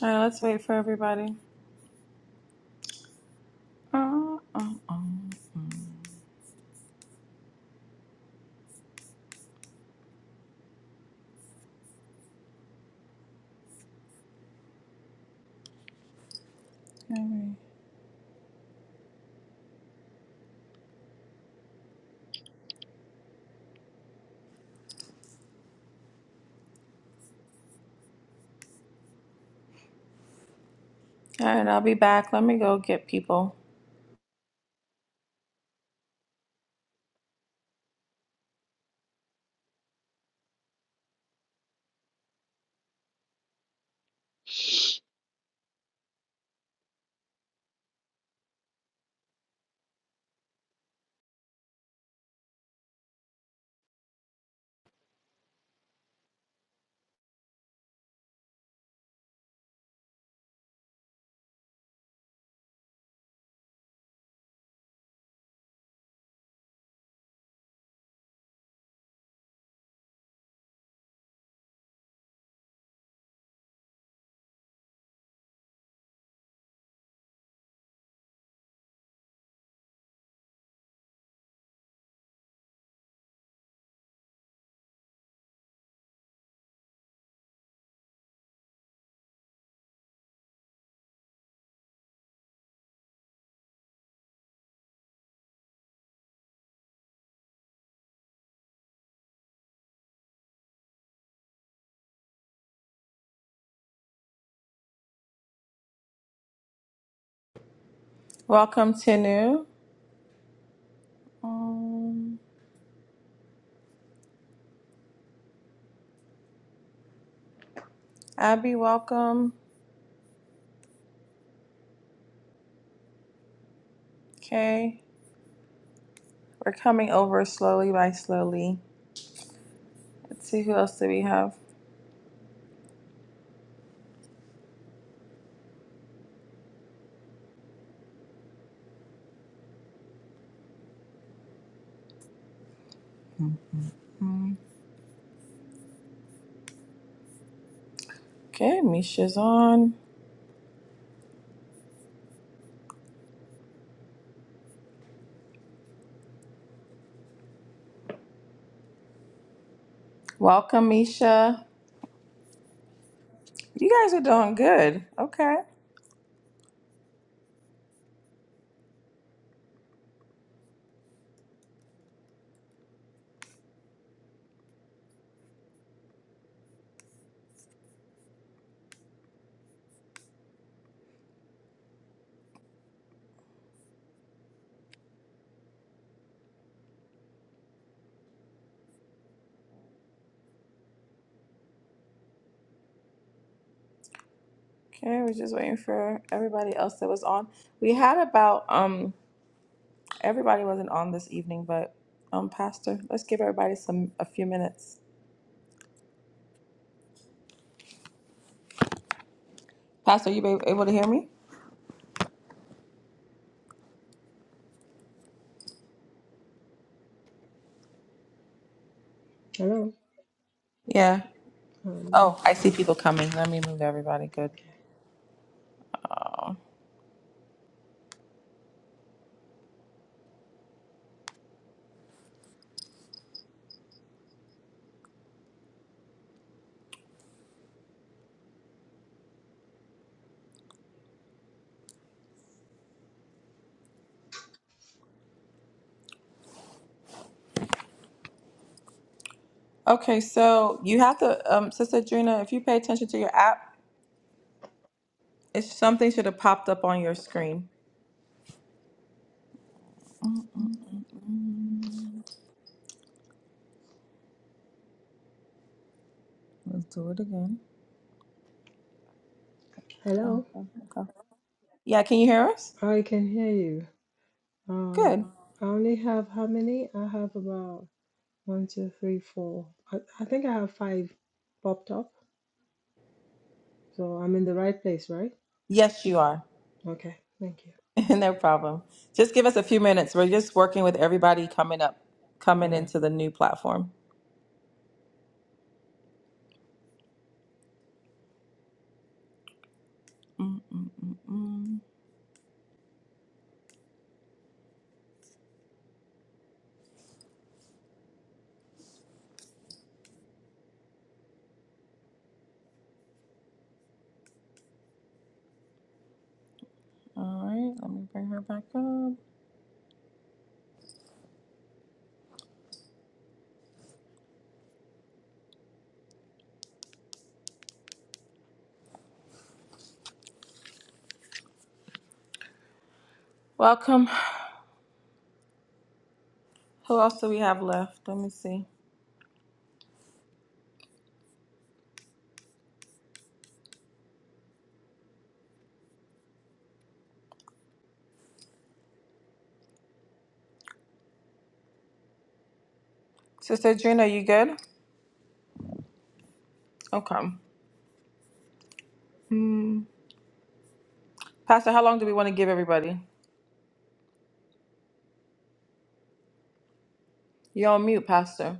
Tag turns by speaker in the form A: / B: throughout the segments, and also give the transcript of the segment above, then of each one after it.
A: All right, let's wait for everybody. Uh, uh, okay. All right, I'll be back. Let me go get people. Welcome, Tenu. Um, Abby, welcome. Okay, we're coming over slowly by slowly. Let's see who else do we have. Okay, Misha's on. Welcome, Misha. You guys are doing good. Okay. Okay, we're just waiting for everybody else that was on. We had about um Everybody wasn't on this evening, but um, Pastor, let's give everybody some a few minutes. Pastor, you be able to hear me?
B: Hello.
A: Yeah.
B: Um,
A: Oh, I see people coming. Let me move everybody. Good. Oh. Okay, so you have to, um, Sister Drina, if you pay attention to your app, it's something should have popped up on your screen. Mm, Let's do it again. Oh,
B: hello.
A: okay. Yeah, can you hear us?
B: I can hear you.
A: Good.
B: Um, I only have how many? I have about one, two, three, four. I, I think I have five popped up. So I'm in the right place, right?
A: Yes, you are.
B: Okay. Thank you.
A: no problem. Just give us a few minutes. We're just working with everybody coming up,
B: All
A: coming
B: right.
A: into the new platform. Mm-mm-mm-mm. All right, let me bring her back up. Welcome. Who else do we have left? Let me see. Sister Adrina, you good? Okay. Hmm. Pastor, how long do we want to give everybody? You're on mute, Pastor.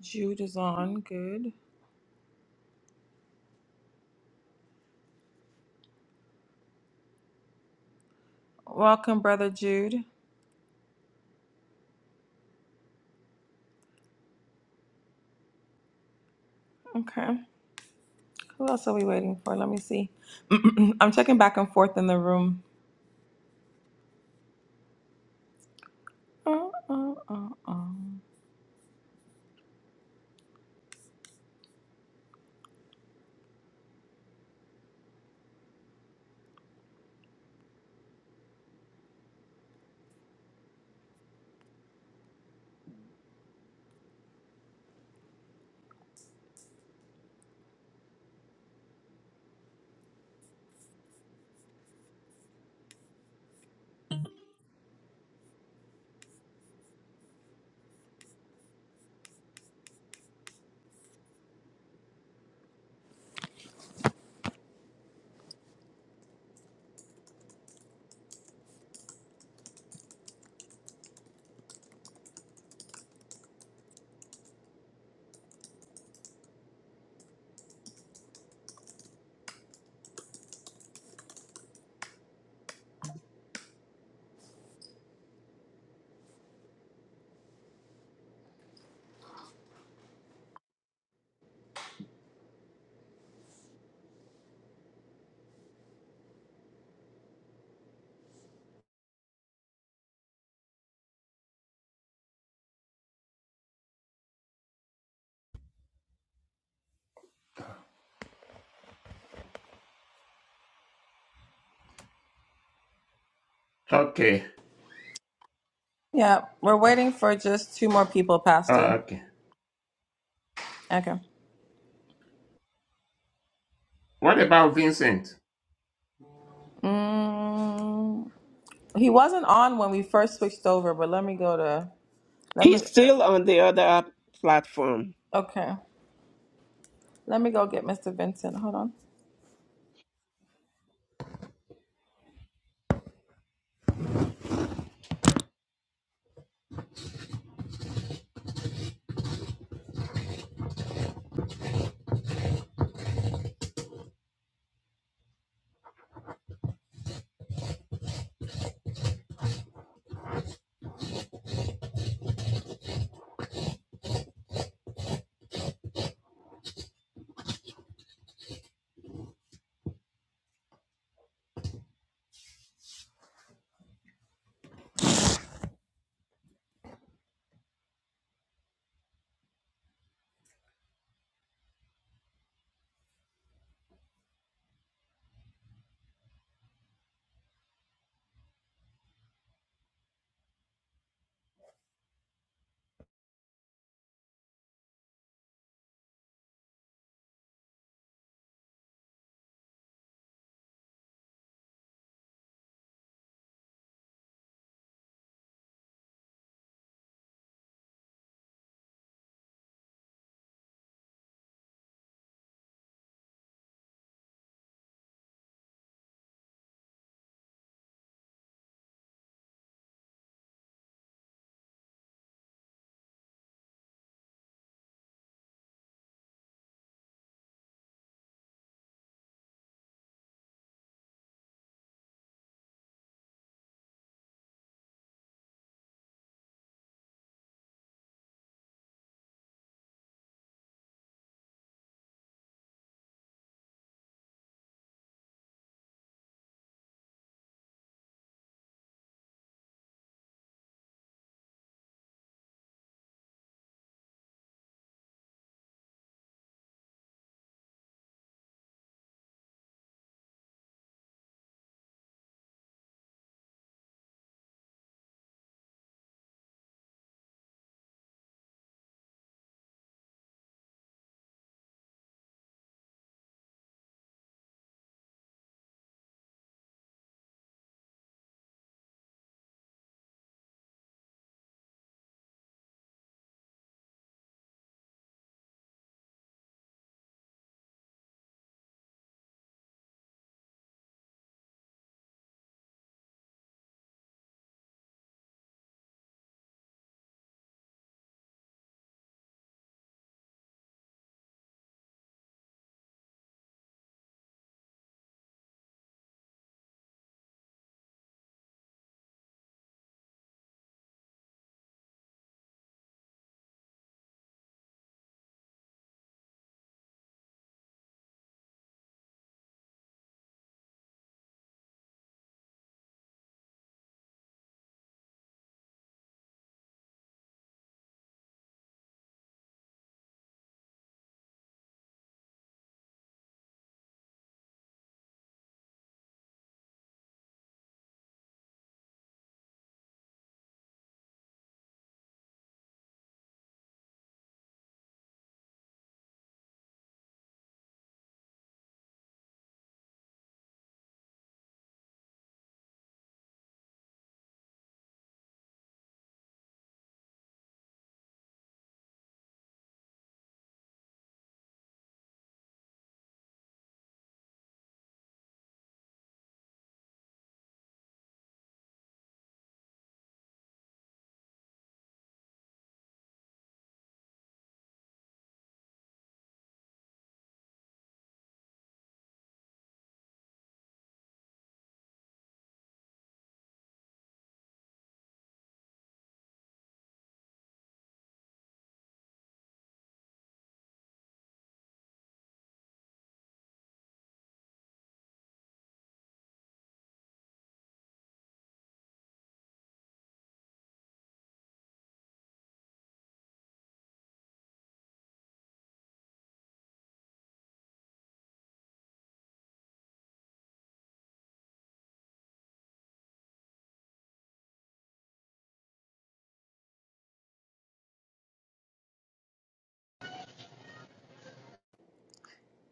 A: Jude is on. Good. Welcome, Brother Jude. Okay. Who else are we waiting for? Let me see. I'm checking back and forth in the room. Uh, uh, uh, uh.
C: Okay.
A: Yeah, we're waiting for just two more people,
C: Oh,
A: Pastor.
C: okay.
A: Okay.
C: What about Vincent?
A: Mm. He wasn't on when we first switched over, but let me go to let me
D: He's still on the other app platform.
A: okay. Let me go get Mr. Vincent. Hold on.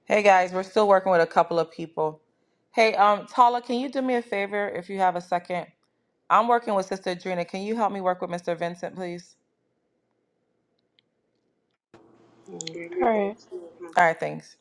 A: Hey guys, we're still working with a couple of people. Hey, um, Tala, can you do me a favor if you have a second? I'm working with Sister Adrena. Can you help me work with Mr. Vincent, please? All
E: Or
A: right, thanks.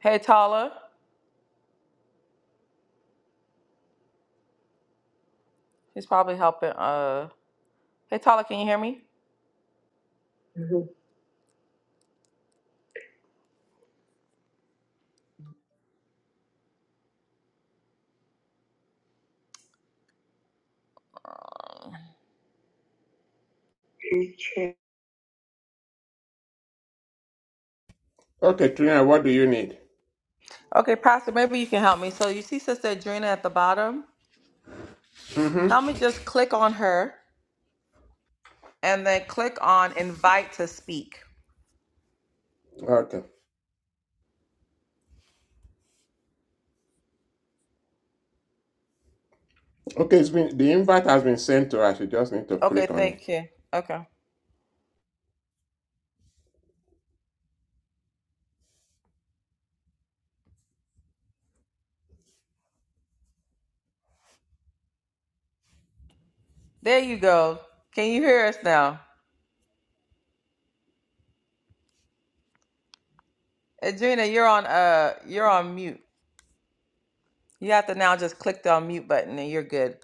A: Hey, Tala. He's probably helping. Uh, hey, Tala, can you hear me?
C: Okay, Trina, what do you need?
A: Okay, Pastor, maybe you can help me. So you see Sister Adrena at the bottom. Help
C: Mm-hmm.
A: me just click on her. and then click on invite to speak.
C: Okay. Okay, it's been the invite has been sent to us. You just need to
A: Okay,
C: click on it.
A: thank you. Okay. There you go. Can you hear us now? Adrena, you're on uh you're on mute. You have to now just click the unmute button and you're good.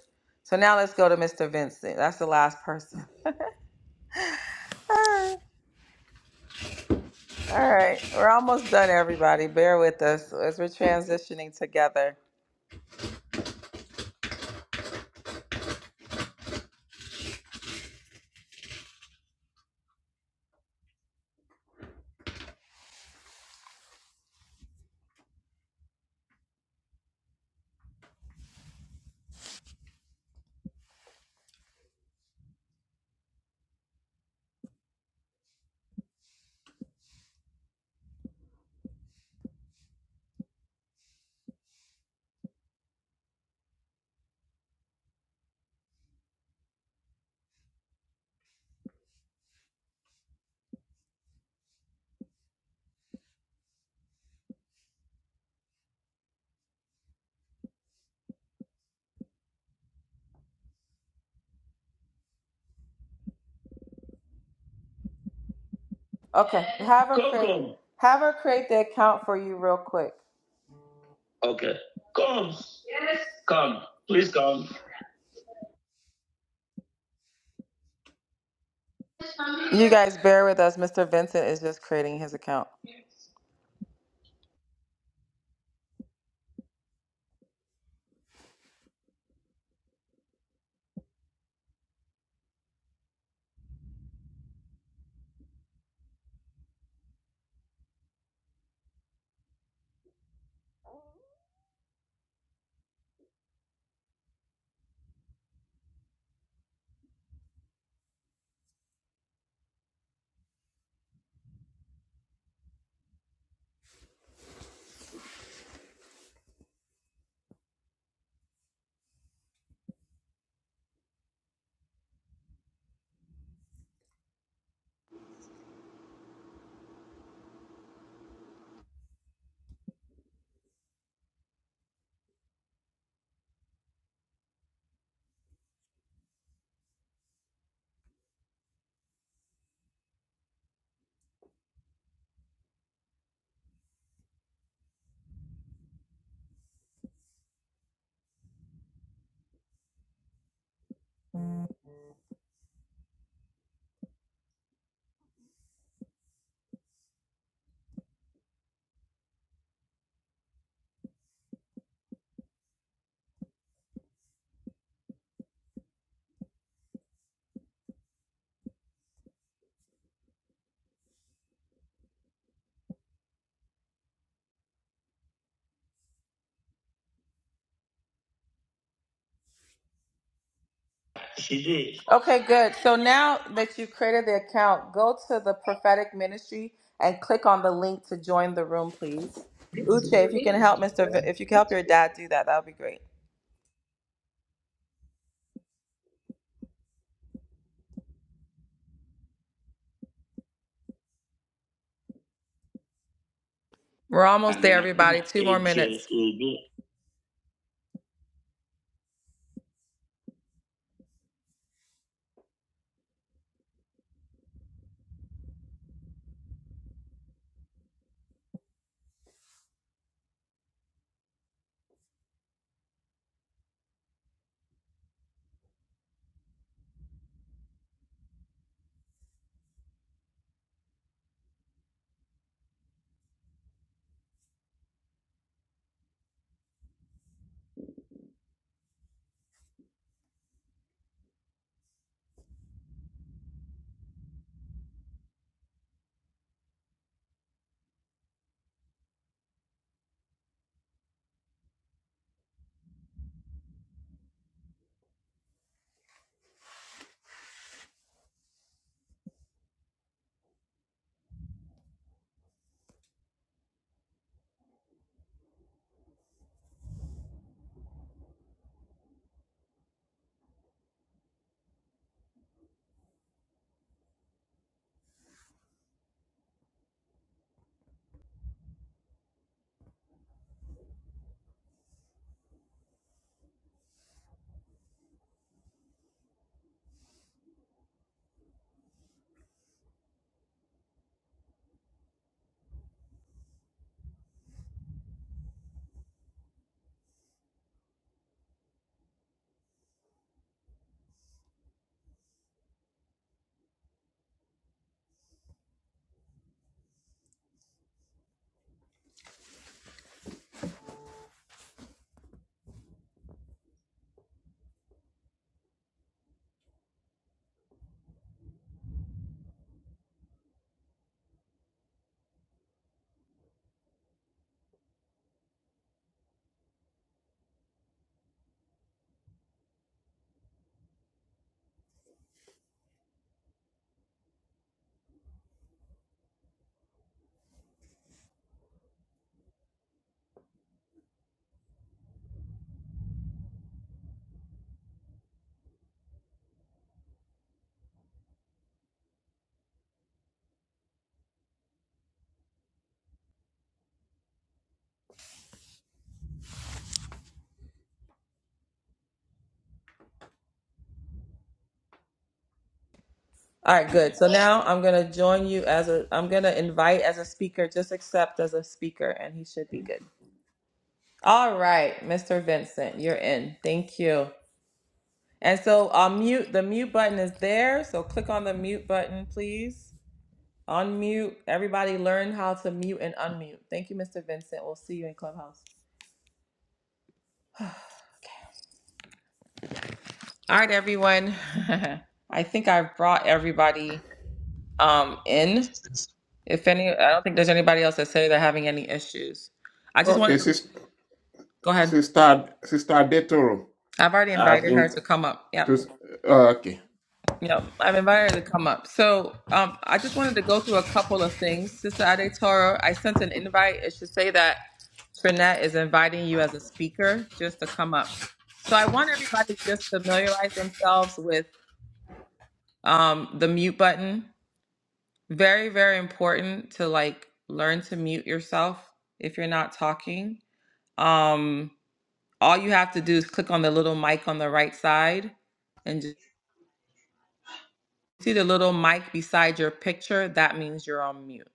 A: So now let's go to Mr. Vincent. That's the last person. All right. We're almost done, everybody. Bear with us as we're transitioning together. Okay. Have her create Coco. have her create the account for you real quick. Okay. Come. Come. Please come. You guys bear with us. Mr. Vincent is just creating his account. She did. Okay, good. So now that you've created the account, go to the prophetic ministry and click on the link to join the room, please. Uche, if you can help Mr. V- if you can help your dad do that, that would be great. We're almost there, I'm everybody. Two more minutes. All right, good. So now I'm gonna join you as a I'm gonna invite as a speaker. Just accept as a speaker, and he should be good. All right, Mr. Vincent, you're in. Thank you. And so I'll mute, the mute button is there. So click on the mute button, please. Unmute. Everybody learn how to mute and unmute. Thank you, Mr. Vincent. We'll see you in Clubhouse. All right, everyone. I think I've brought everybody um, in. If any, I don't think there's anybody else that say they're having any issues. I just
C: Okay,
A: wanted to
C: sister,
A: go ahead.
C: sister, sister Detoro.
A: I've already
C: I've
A: invited her
C: been.
A: to come up. Yep.
C: to, uh, okay.
A: Yeah, I've invited her to come up. So um, I just wanted to go through a couple of things. Sister Ade Toro, I sent an invite. It should say that Trinette is inviting you as a speaker just to come up. So I want everybody to just familiarize themselves with um, the mute button. Very, very important to like learn to mute yourself if you're not talking. Um, all you have to do is click on the little mic on the right side and See the little mic beside your picture? That means you're on mute.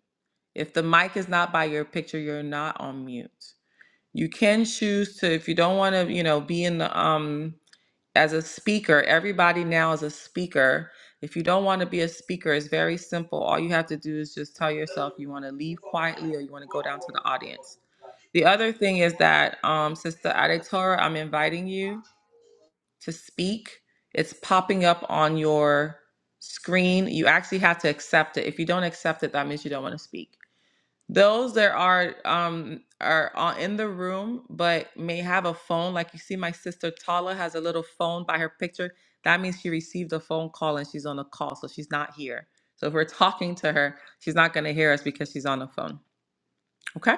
A: If the mic is not by your picture, you're not on mute. You can choose to, if you don't want to, you know, be in the, um, as a speaker, everybody now is a speaker. If you don't want to be a speaker, it's very simple. All you have to do is just tell yourself you want to leave quietly or you want to go down to the audience. The other thing is that, um, Sister Aditora, I'm inviting you to speak. It's popping up on your screen. You actually have to accept it. If you don't accept it, that means you don't want to speak. Those that are um are on- in the room but may have a phone, like you see my sister Tala has a little phone by her picture. That means she received a phone call and she's on a call, so she's not here. So if we're talking to her, she's not going to hear us because she's on the phone. Okay.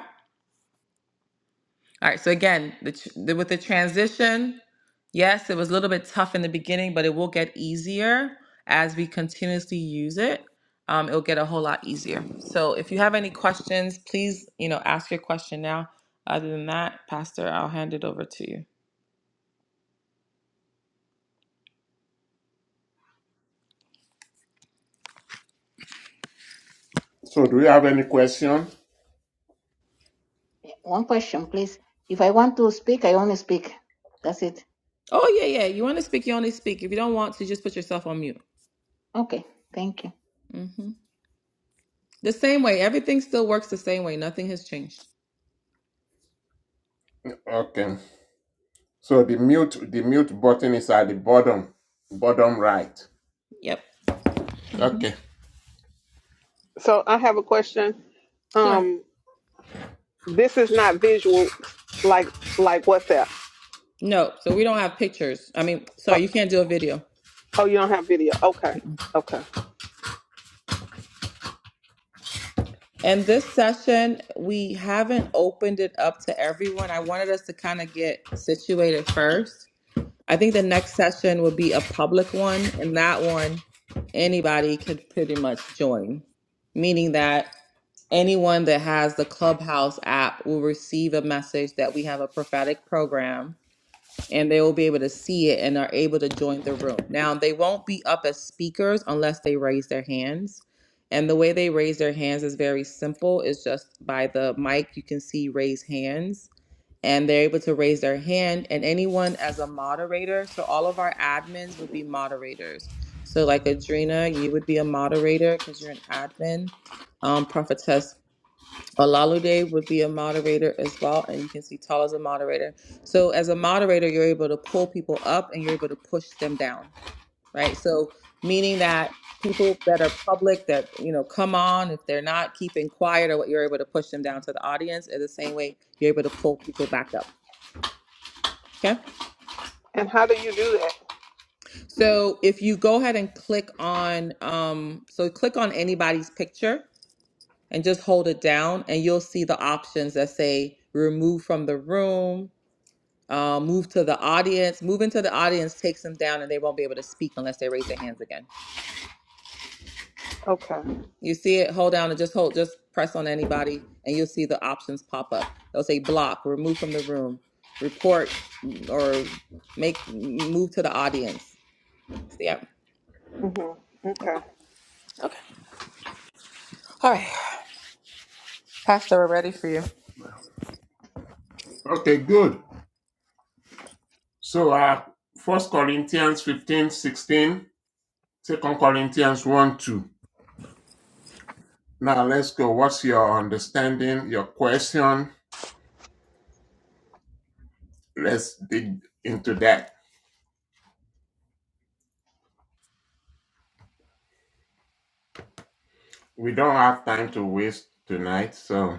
A: All right. So again, the, tr- the, with the transition, yes, it was a little bit tough in the beginning, but it will get easier as we continuously use it. Um, it'll get a whole lot easier. So if you have any questions, please, you know, ask your question now. Other than that, Pastor, I'll hand it over to you.
C: So, do you have any question?
F: One question, please. If I want to speak, I only speak. That's it.
A: Oh yeah, yeah. You want to speak, you only speak. If you don't want to, just put yourself on mute.
F: Okay. Thank you.
A: hmm The same way. Everything still works the same way. Nothing has changed.
C: Okay. So the mute, the mute button is at the bottom, bottom right.
A: Yep.
F: hmm
C: Okay.
G: So I have a question.
A: Sure.
G: Um, this is not visual like like WhatsApp.
A: No. So we don't have pictures. I mean,
G: Oh,
A: sorry, you can't do a video.
G: oh, you don't have video. Okay, okay.
A: And this session, we haven't opened it up to everyone. I wanted us to kind of get situated first. I think the next session would be a public one, and that one anybody could pretty much join, meaning that anyone that has the Clubhouse app will receive a message that we have a prophetic program and they will be able to see it and are able to join the room. Now, they won't be up as speakers unless they raise their hands. And the way they raise their hands is very simple. It's just by the mic, you can see raise hands, and they're able to raise their hand. And anyone as a moderator, so all of our admins would be moderators. So, like Adrena, you would be a moderator because you're an admin. Um, prophetess Olalude would be a moderator as well, and you can see Tal as a moderator. So as a moderator, you're able to pull people up and you're able to push them down, right? So meaning that people that are public that you know come on if they're not keeping quiet or what you're able to push them down to the audience in the same way you're able to pull people back up okay
G: And how do you do that?
A: so if you go ahead and click on um so click on anybody's picture and just hold it down and you'll see the options that say remove from the room Uh, move to the audience. Move into the audience takes them down, and they won't be able to speak unless they raise their hands again.
G: Okay.
A: You see it? Hold down and just hold. Just press on anybody, and you'll see the options pop up. They'll say block, remove from the room, report, mm, or make move to the audience. Yeah.
G: Mm-hmm. Okay.
A: Okay. Okay. All right. Pastor, we're ready for you.
C: Okay, good. So, uh, First Corinthians 15, 16, Second Corinthians 1, 2. Now let's go. What's your understanding, your question? Let's dig into that. We don't have time to waste tonight, so.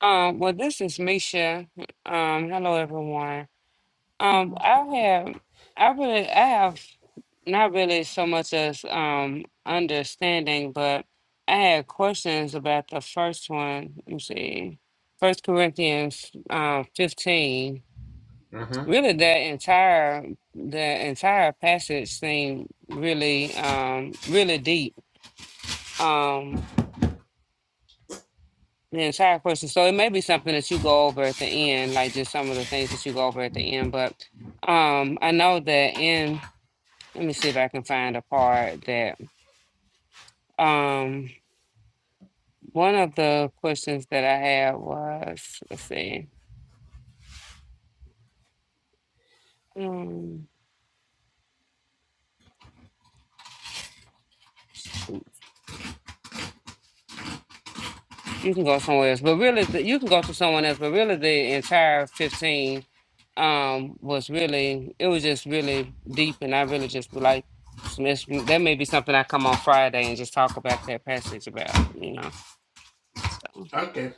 H: Um, well, this is Misha. Um, hello everyone. Um,
F: hmm
H: I have, I really, I have not really so much as um understanding, but I had questions about the first one. Let me see, First Corinthians, um, fifteen.
C: hmm
H: Really, that entire the entire passage seemed really, um, really deep. Um, The entire question. So it may be something that you go over at the end, like just some of the things that you go over at the end. But um, I know that in, let me see if I can find a part that um, one of the questions that I had was, let's see. Um, You can go somewhere else, but really, the, you can go to someone else. But really, the entire fifteen um was really it was just really deep, and I really just be like, some- it's, that may be something I come on Friday and just talk about that passage about, you know. So
C: Okay.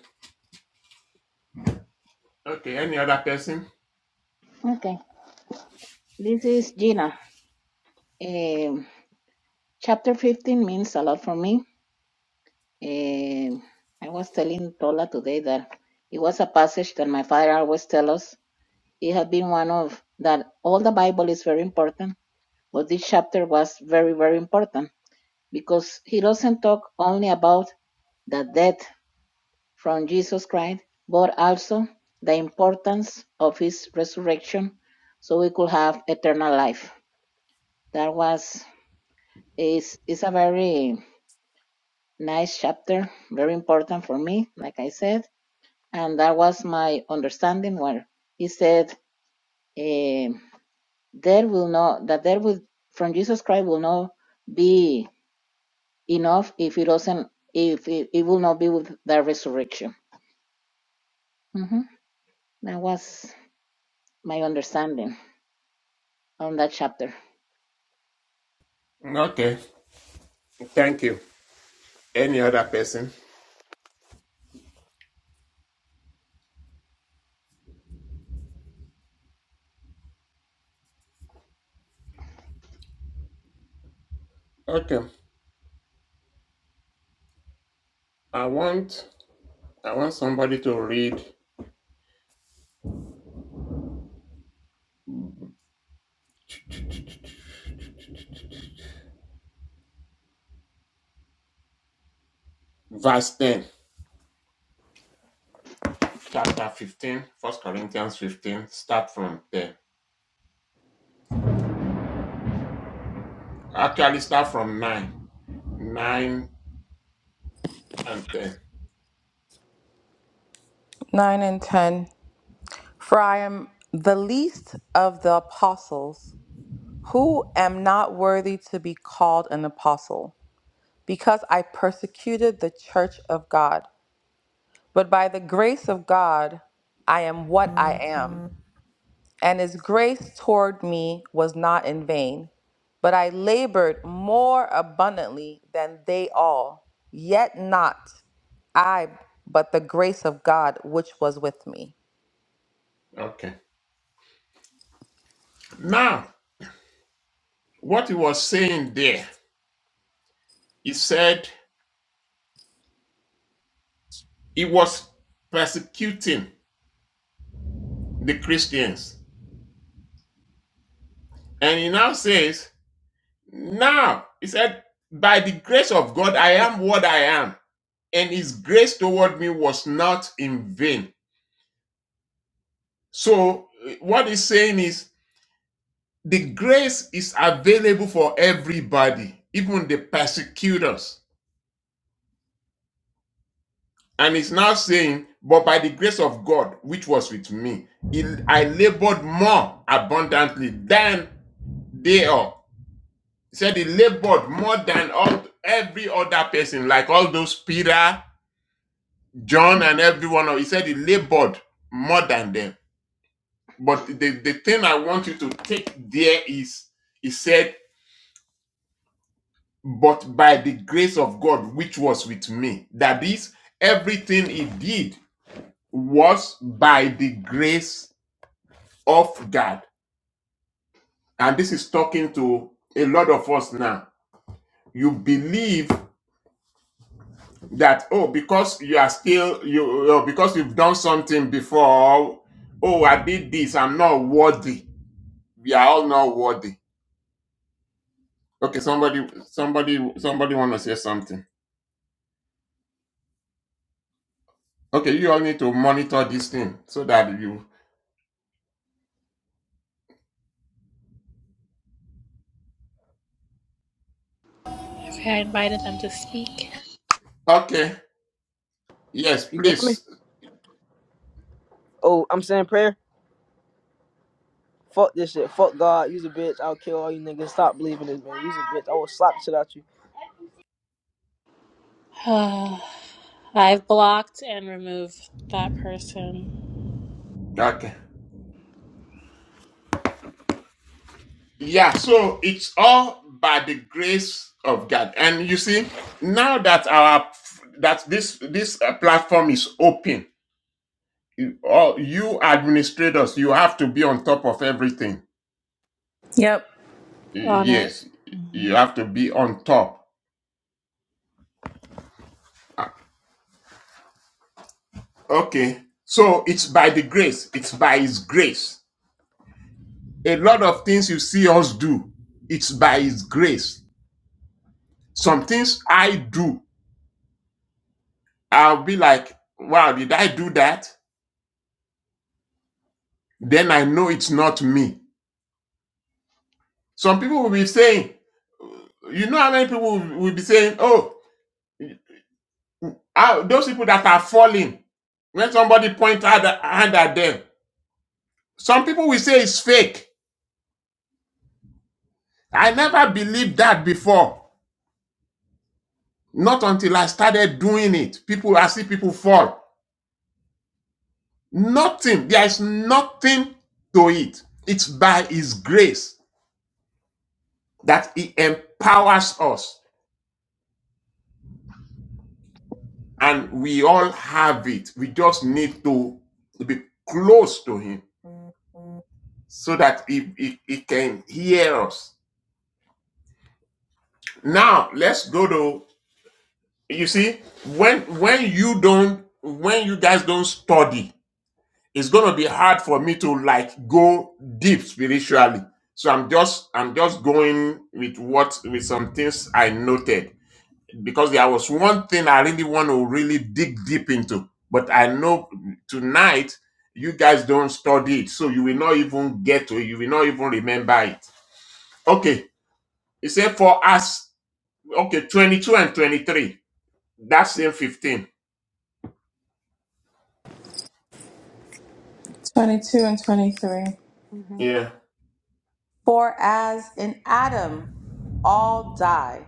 C: Okay. Any other person?
F: Okay. This is Gina. Um, chapter 15 means a lot for me. Um, I was telling Tola today that it was a passage that my father always tell us. It had been one of that all the Bible is very important, but this chapter was very, very important because he doesn't talk only about the death from Jesus Christ, but also the importance of his resurrection so we could have eternal life. That was is is a very nice chapter, very important for me, like I said. And that was my understanding where he said eh, there will not that there will from Jesus Christ will not be enough if it doesn't if it, it will not be with the resurrection. hmm That was my understanding on that chapter.
C: Okay. Thank you. Any other person? Okay. I want I want somebody to read verse 10, chapter 15, First Corinthians 15. Start from 10. Actually, start from 9. 9 and 10.
A: 9 and 10. For I am the least of the apostles, who am not worthy to be called an apostle because I persecuted the church of God. But by the grace of God, I am what I am. And his grace toward me was not in vain. But I labored more abundantly than they all, yet not I, but the grace of God which was with me.
C: Okay. Now, what he was saying there, he said he was persecuting the Christians. And he now says, now, he said, by the grace of God, I am what I am. And his grace toward me was not in vain. So, eh, what he's saying is, the grace is available for everybody, even the persecutors. And he's now saying, But by the grace of God, which was with me, I labored more abundantly than they all. He said he labored more than all every other person, like all those Peter, John, and
F: Mhm,
C: everyone. He said he labored more than them. But the, the thing I want you to take there is he said, But by the grace of God, which was with me. That is, everything he did was by the grace off guard. And this is talking to a lot of us now. You believe that, oh, because you are still, you uh, because you've done something before, oh, I did this, I'm not worthy. We are all not worthy. Okay, somebody, somebody, somebody want to say something. Okay, you all need to monitor this thing so that you,
E: if I invited them to speak.
C: okay, yes,
I: You can hear me?
C: please.
I: Oh, I'm saying prayer. Fuck this shit. Fuck God. You's a bitch. I'll kill all you niggas. Stop believing this, man. You's a bitch. I will slap the shit out you.
E: I've blocked and removed that person
C: Okay. Yeah, so it's all by the grace of God. And you see, now that our that this this uh, platform is open, you, all you administrators, you have to be on top of everything.
A: Yep.
C: Y-
E: on it.
C: Yes, you
E: Mhm.
C: have to be on top. Okay. So it's by the grace. It's by his grace. A lot of things you see us do, it's by his grace. Some things I do, I'll be like, wow, did I do that? Then I know it's not me Some people will be saying, you know how many people will, will be saying, oh, ah, those people that are falling, when somebody points out a hand at them, some people will say it's fake. I never believed that before. Not until I started doing it. People, I see people fall. Nothing. There is nothing to it. It's by His grace that He empowers us. And we all have it. We just need to be close to Him so that he, he, he can hear us. Now let's go to you see when when you don't when you guys don't study, it's gonna be hard for me to like go deep spiritually. So I'm just I'm just going with what with some things I noted because there was one thing I really want to really dig deep into, but I know tonight you guys don't study it, so you will not even get to it, you will not even remember it. Okay, He said for us, okay, 22 and 23. That's in 15.
A: 22 and 23.
F: mhm.
C: Yeah.
A: For as in Adam all die,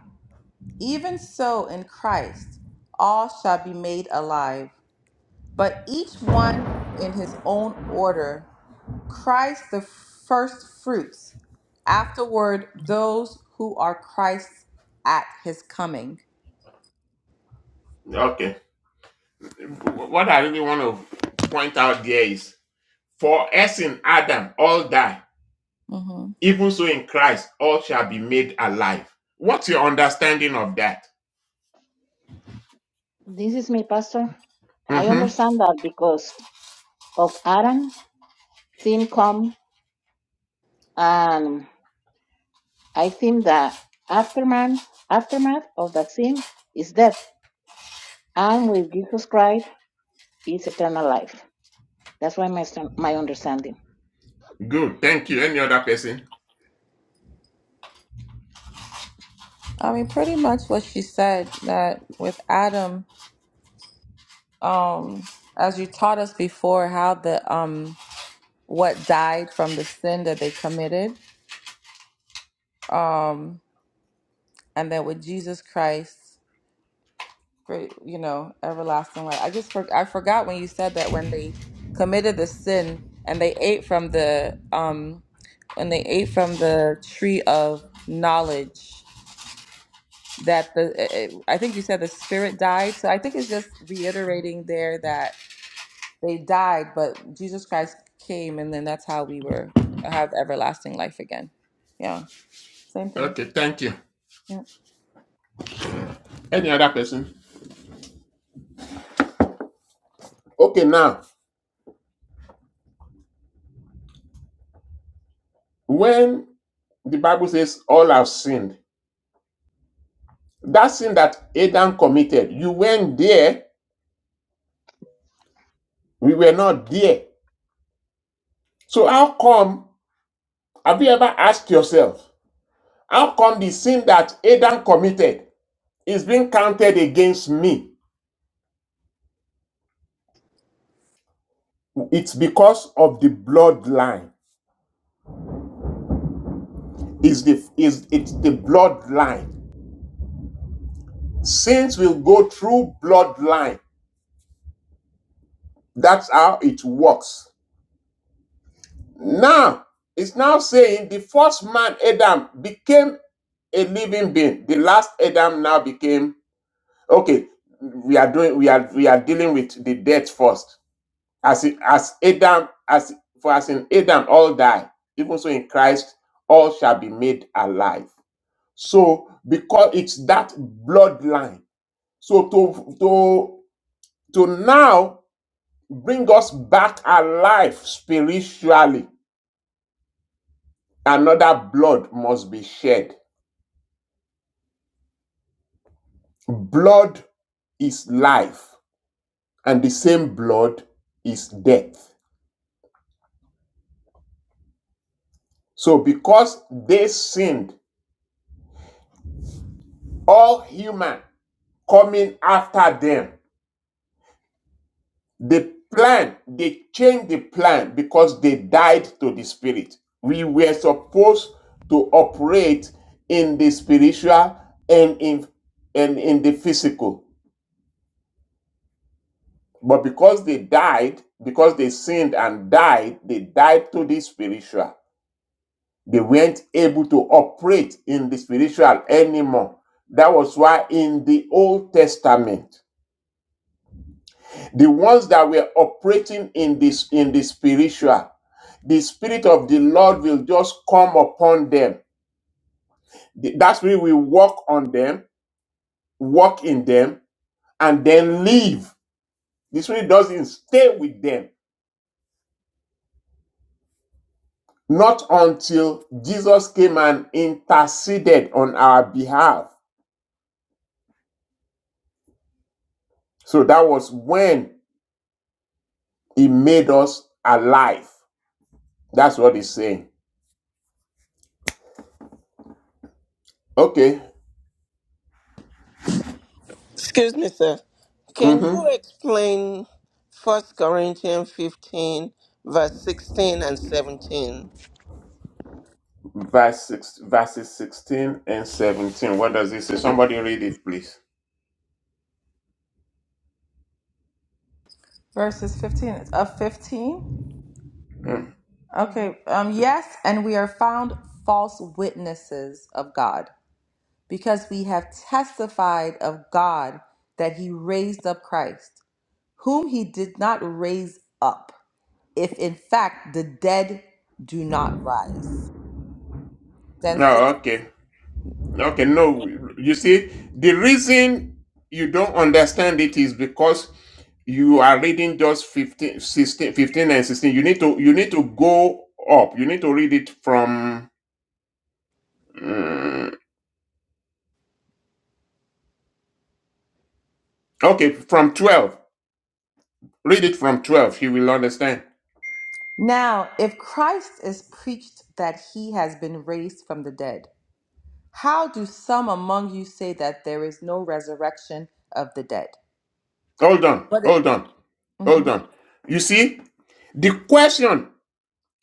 A: even so in Christ all shall be made alive. but each one in his own order Christ the first fruits, afterward, those who are Christ's at his coming.
C: Okay. What I really want to point out there is for us in Adam, all die.
A: hmm
C: Even so in Christ, all shall be made alive. What's your understanding of that?
F: This is me, Pastor. I
C: Mm-hmm.
F: understand that because of Adam, sin come, and I think that aftermath, aftermath of that sin is death, and with Jesus Christ is eternal life. That's why my stand- my understanding.
C: Good. Thank you. Any other person?
A: I mean, pretty much what she said that with Adam, um, as you taught us before, how the um, what died from the sin that they committed, um, and then with Jesus Christ. for you know everlasting life. I just for, I forgot when you said that when they committed the sin and they ate from the um when they ate from the tree of knowledge that the eh, eh, I think you said the spirit died. So I think it's just reiterating there that they died, but Jesus Christ came, and then that's how we were have everlasting life again. Yeah, same thing.
C: Okay. Thank you.
A: Yeah,
C: Any other person? Okay. Now, when the Bible says all have sinned, that sin that Adam committed, you went there, we were not there. So how come, have you ever asked yourself, how come the sin that Adam committed is being counted against me? It's because of the bloodline. Is the is it's the bloodline. Sins will go through bloodline. That's how it works. Now, it's now saying the first man Adam became a living being. The last Adam now became okay. We are doing we are we are dealing with the death first As i- as Adam, as for as in Adam all die, even so in Christ all shall be made alive. So because it's that bloodline. So to to to now bring us back alive spiritually, another blood must be shed. Blood is life, and the same blood is death. So because they sinned, all human coming after them The plan, they changed the plan because they died to the spirit. We were supposed to operate in the spiritual and in and in the physical. But because they died, because they sinned and died, they died to the spiritual. They weren't able to operate in the spiritual anymore. That was why in the Old Testament the ones that were operating in this in the spiritual the spirit of the lord will just come upon them The- that spirit will walk on them walk in them and then leave the spirit doesn't stay with them not until jesus came and interceded on our behalf so that was when he made us alive that's what he's saying okay
D: Excuse me, sir. Can
C: Mm-hmm.
D: you explain First Corinthians 15, verse 16 and 17?
C: verse six, verses 16 and 17. What does it say? Somebody read it, please.
A: verses fifteen. It's of fifteen.
C: Hmm.
F: hmm
A: Okay. Um, yes, and we are found false witnesses of God because we have testified of God that he raised up Christ, whom he did not raise up, if in fact the dead do not rise. Then
C: No,
A: six.
C: okay. Okay, no. You see, the reason you don't understand it is because you are reading just 15, 16, 15 and 16. You need to you need to go up. You need to read it from mm, okay, from 12. Read it from 12. You will understand.
A: Now, if Christ is preached that he has been raised from the dead, how do some among you say that there is no resurrection of the dead?
C: Hold on.
A: But it,
C: Hold on.
A: Mhm.
C: Hold on. You see, the question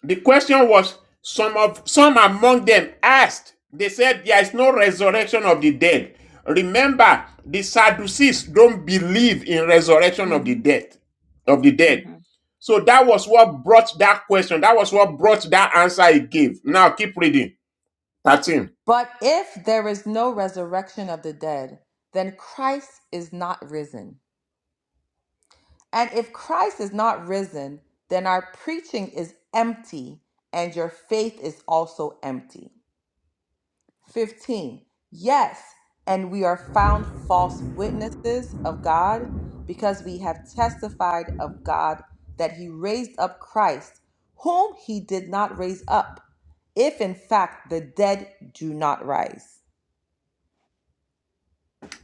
C: The question was some of some among them asked, they said there is no resurrection of the dead. Remember, the Sadducees don't believe in resurrection of the
F: hmm
C: dead, of the dead.
F: hmm
C: So that was what brought that question. That was what brought that answer he gave. Now keep reading. Thirteen,
A: But if there is no resurrection of the dead, then Christ is not risen. And if Christ is not risen, then our preaching is empty and your faith is also empty. 15. Yes, and we are found false witnesses of God because we have testified of God that he raised up Christ, whom he did not raise up, if in fact the dead do not rise.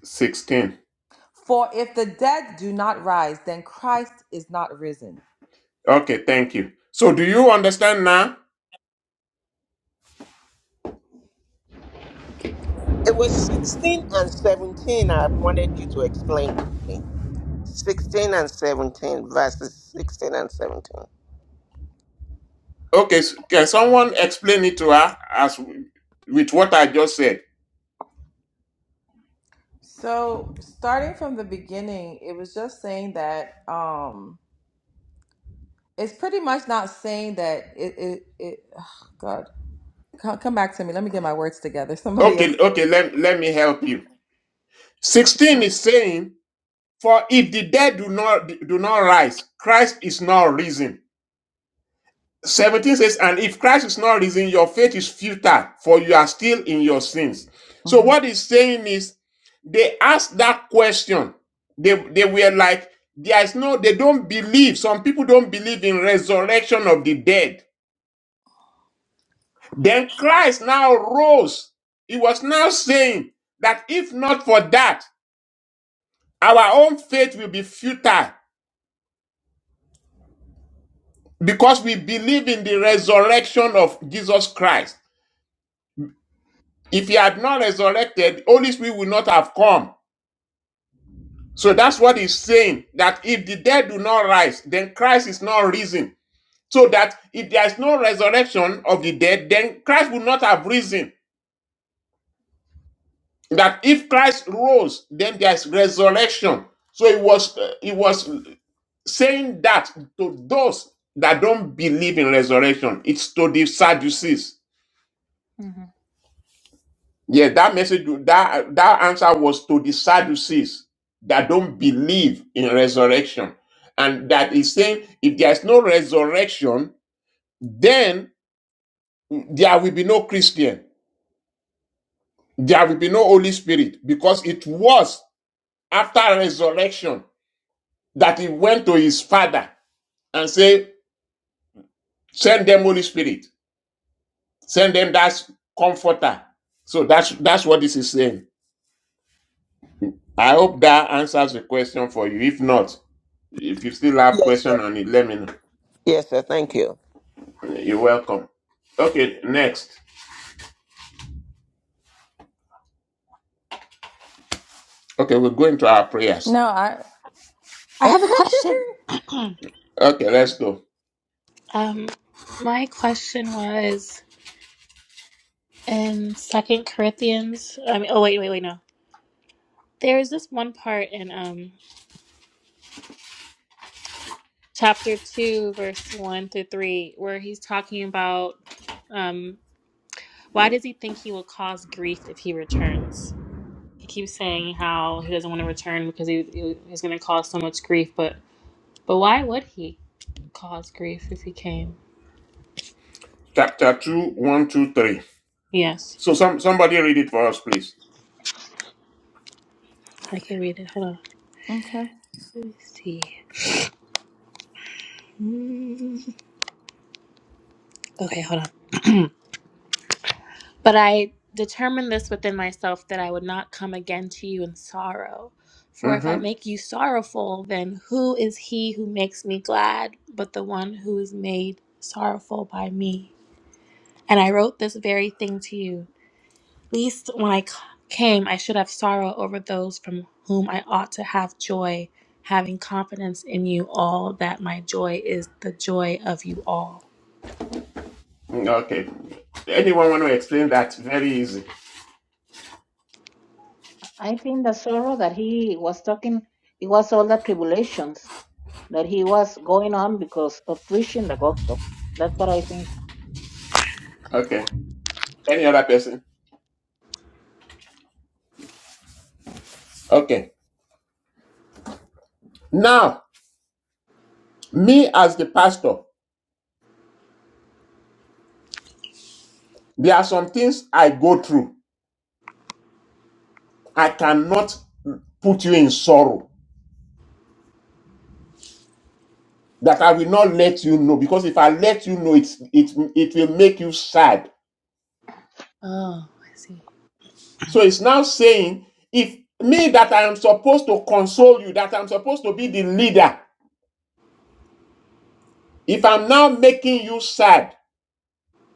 C: sixteen.
A: For if the dead do not rise, then Christ is not risen.
C: Okay, thank you. So do you understand now?
D: It was 16 and 17 I wanted you to explain to me. 16 and 17, verses 16 and 17.
C: Okay, s- can someone explain it to her as with what I just said?
A: So, starting from the beginning, it was just saying that um it's pretty much not saying that it it, it ugh, God, come, come back to me. Let me get my words together. Somebody
C: Okay,
A: else.
C: okay, let, let me help you. 16 is saying, For if the dead do not do not rise, Christ is not risen. 17 says, And if Christ is not risen, your faith is futile, for you are still in your sins. So
A: hmm
C: what he's saying is they asked that question. They they were like, there is no, they don't believe. Some people don't believe in resurrection of the dead. Then Christ now rose. He was now saying that if not for that, our own faith will be futile Because we believe in the resurrection of Jesus Christ. If he had not resurrected, the Holy Spirit would not have come. So that's what he's saying that if the dead do not rise, then Christ is not risen. So that if there is no resurrection of the dead, then Christ would not have risen. That if Christ rose, then there is resurrection. So it was uh, it was saying that to those that don't believe in resurrection. It's to the Sadducees.
F: hmm
C: Yeah, that message, that that answer was to the Sadducees that don't believe in resurrection, and that is saying if there is no resurrection, then there will be no Christian, there will be no Holy Spirit, because it was after resurrection that he went to his father and say, "Send them Holy Spirit, send them that comforter." So that's that's what this is saying. I hope that answers the question for you. If not, If you still have
D: Yes, sir.
C: question on it, let me know.
D: Yes, sir. Thank you.
C: You're welcome. Okay, next. Okay, we're going to our prayers.
A: No, I.
E: I have a question.
C: Okay, let's go.
E: um, my question was in Second Corinthians. I mean, oh wait, wait, wait, no. There is this one part in um chapter two, verse one through three, where he's talking about um why does he think he will cause grief if he returns? he keeps saying how he doesn't want to return because he, he he's going to cause so much grief. But but why would he cause grief if he came?
C: Chapter two, one, two, three.
E: Yes,
C: So some somebody read it for us, please.
E: I can read it. Hold on.
A: okay.
E: Let me see. Mm, Okay, hold on. but I determined this within myself that I would not come again to you in sorrow. For if I
C: Mm-hmm.
E: make you sorrowful, then who is he who makes me glad but the one who is made sorrowful by me? And I wrote this very thing to you least when I c- came, I should have sorrow over those from whom I ought to have joy, having confidence in you all that my joy is the joy of you all.
C: Okay. Anyone want to explain that? Very easy.
F: I think the sorrow that he was talking, it was all the tribulations that he was going on because of preaching the gospel. That's what I
C: Okay. Any other person? Okay. Now, me as the pastor, there are some things I go through. I cannot put you in sorrow. that I will not let you know because if I let you know, it's it it will make you sad.
E: Oh, I see.
C: So it's now saying, if me that I am supposed to console you, that I'm supposed to be the leader, if I'm now making you sad,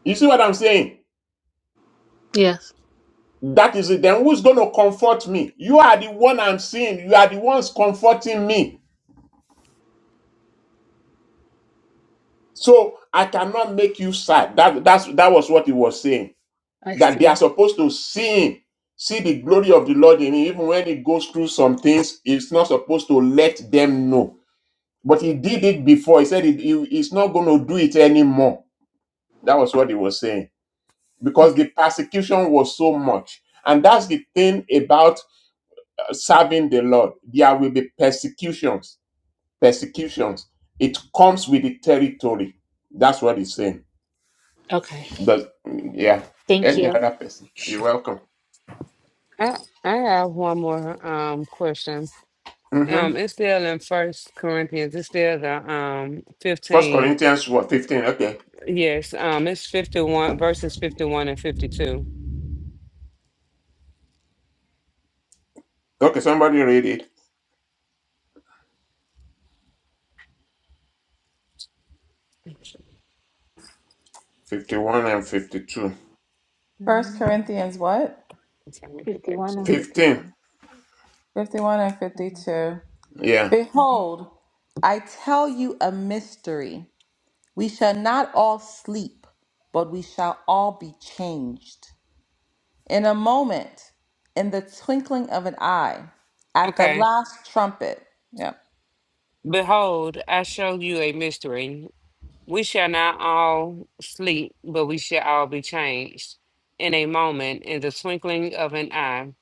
C: you see what I'm saying?
E: Yes,
C: That is it. Then who's going to comfort me? You are the one I'm seeing. You are the ones comforting me. So I cannot make you sad. That that's that was what he was saying.
E: I
C: that they
E: see.
C: are supposed to see him, see the glory of the Lord in him, even when he goes through some things, it's not supposed to let them know. But he did it before. He said he, he- he's not going to do it anymore. That was what he was saying. Because
E: Okay.
C: the persecution was so much. And that's the thing about uh, serving the Lord. There will be persecutions. Persecutions. It comes with the territory. That's what he's saying.
E: Okay.
C: But yeah,
E: Thank
C: any
E: you.
C: other person, you're welcome.
H: I I have one more um question.
C: Mm-hmm.
H: Um, it's still in First Corinthians. It's still the um
C: First
H: fifteen.
C: Corinthians what 15. Okay.
H: Yes, um, it's fifty one verses fifty one and fifty two.
C: Okay, somebody read it. 51 and 52.
A: First
F: think.
A: Corinthians what?
F: 51 and 52.
C: 15.
A: 51 and
F: Mhm,
A: 52.
C: Yeah.
F: mhm.
A: Behold, I tell you a mystery. We shall not all sleep, but we shall all be changed. In a moment, in the twinkling of an eye, at the
H: Okay.
A: last trumpet. Yeah.
H: Behold, I show you a mystery. We shall not all sleep, but we shall all be changed in a moment, in the twinkling of an eye,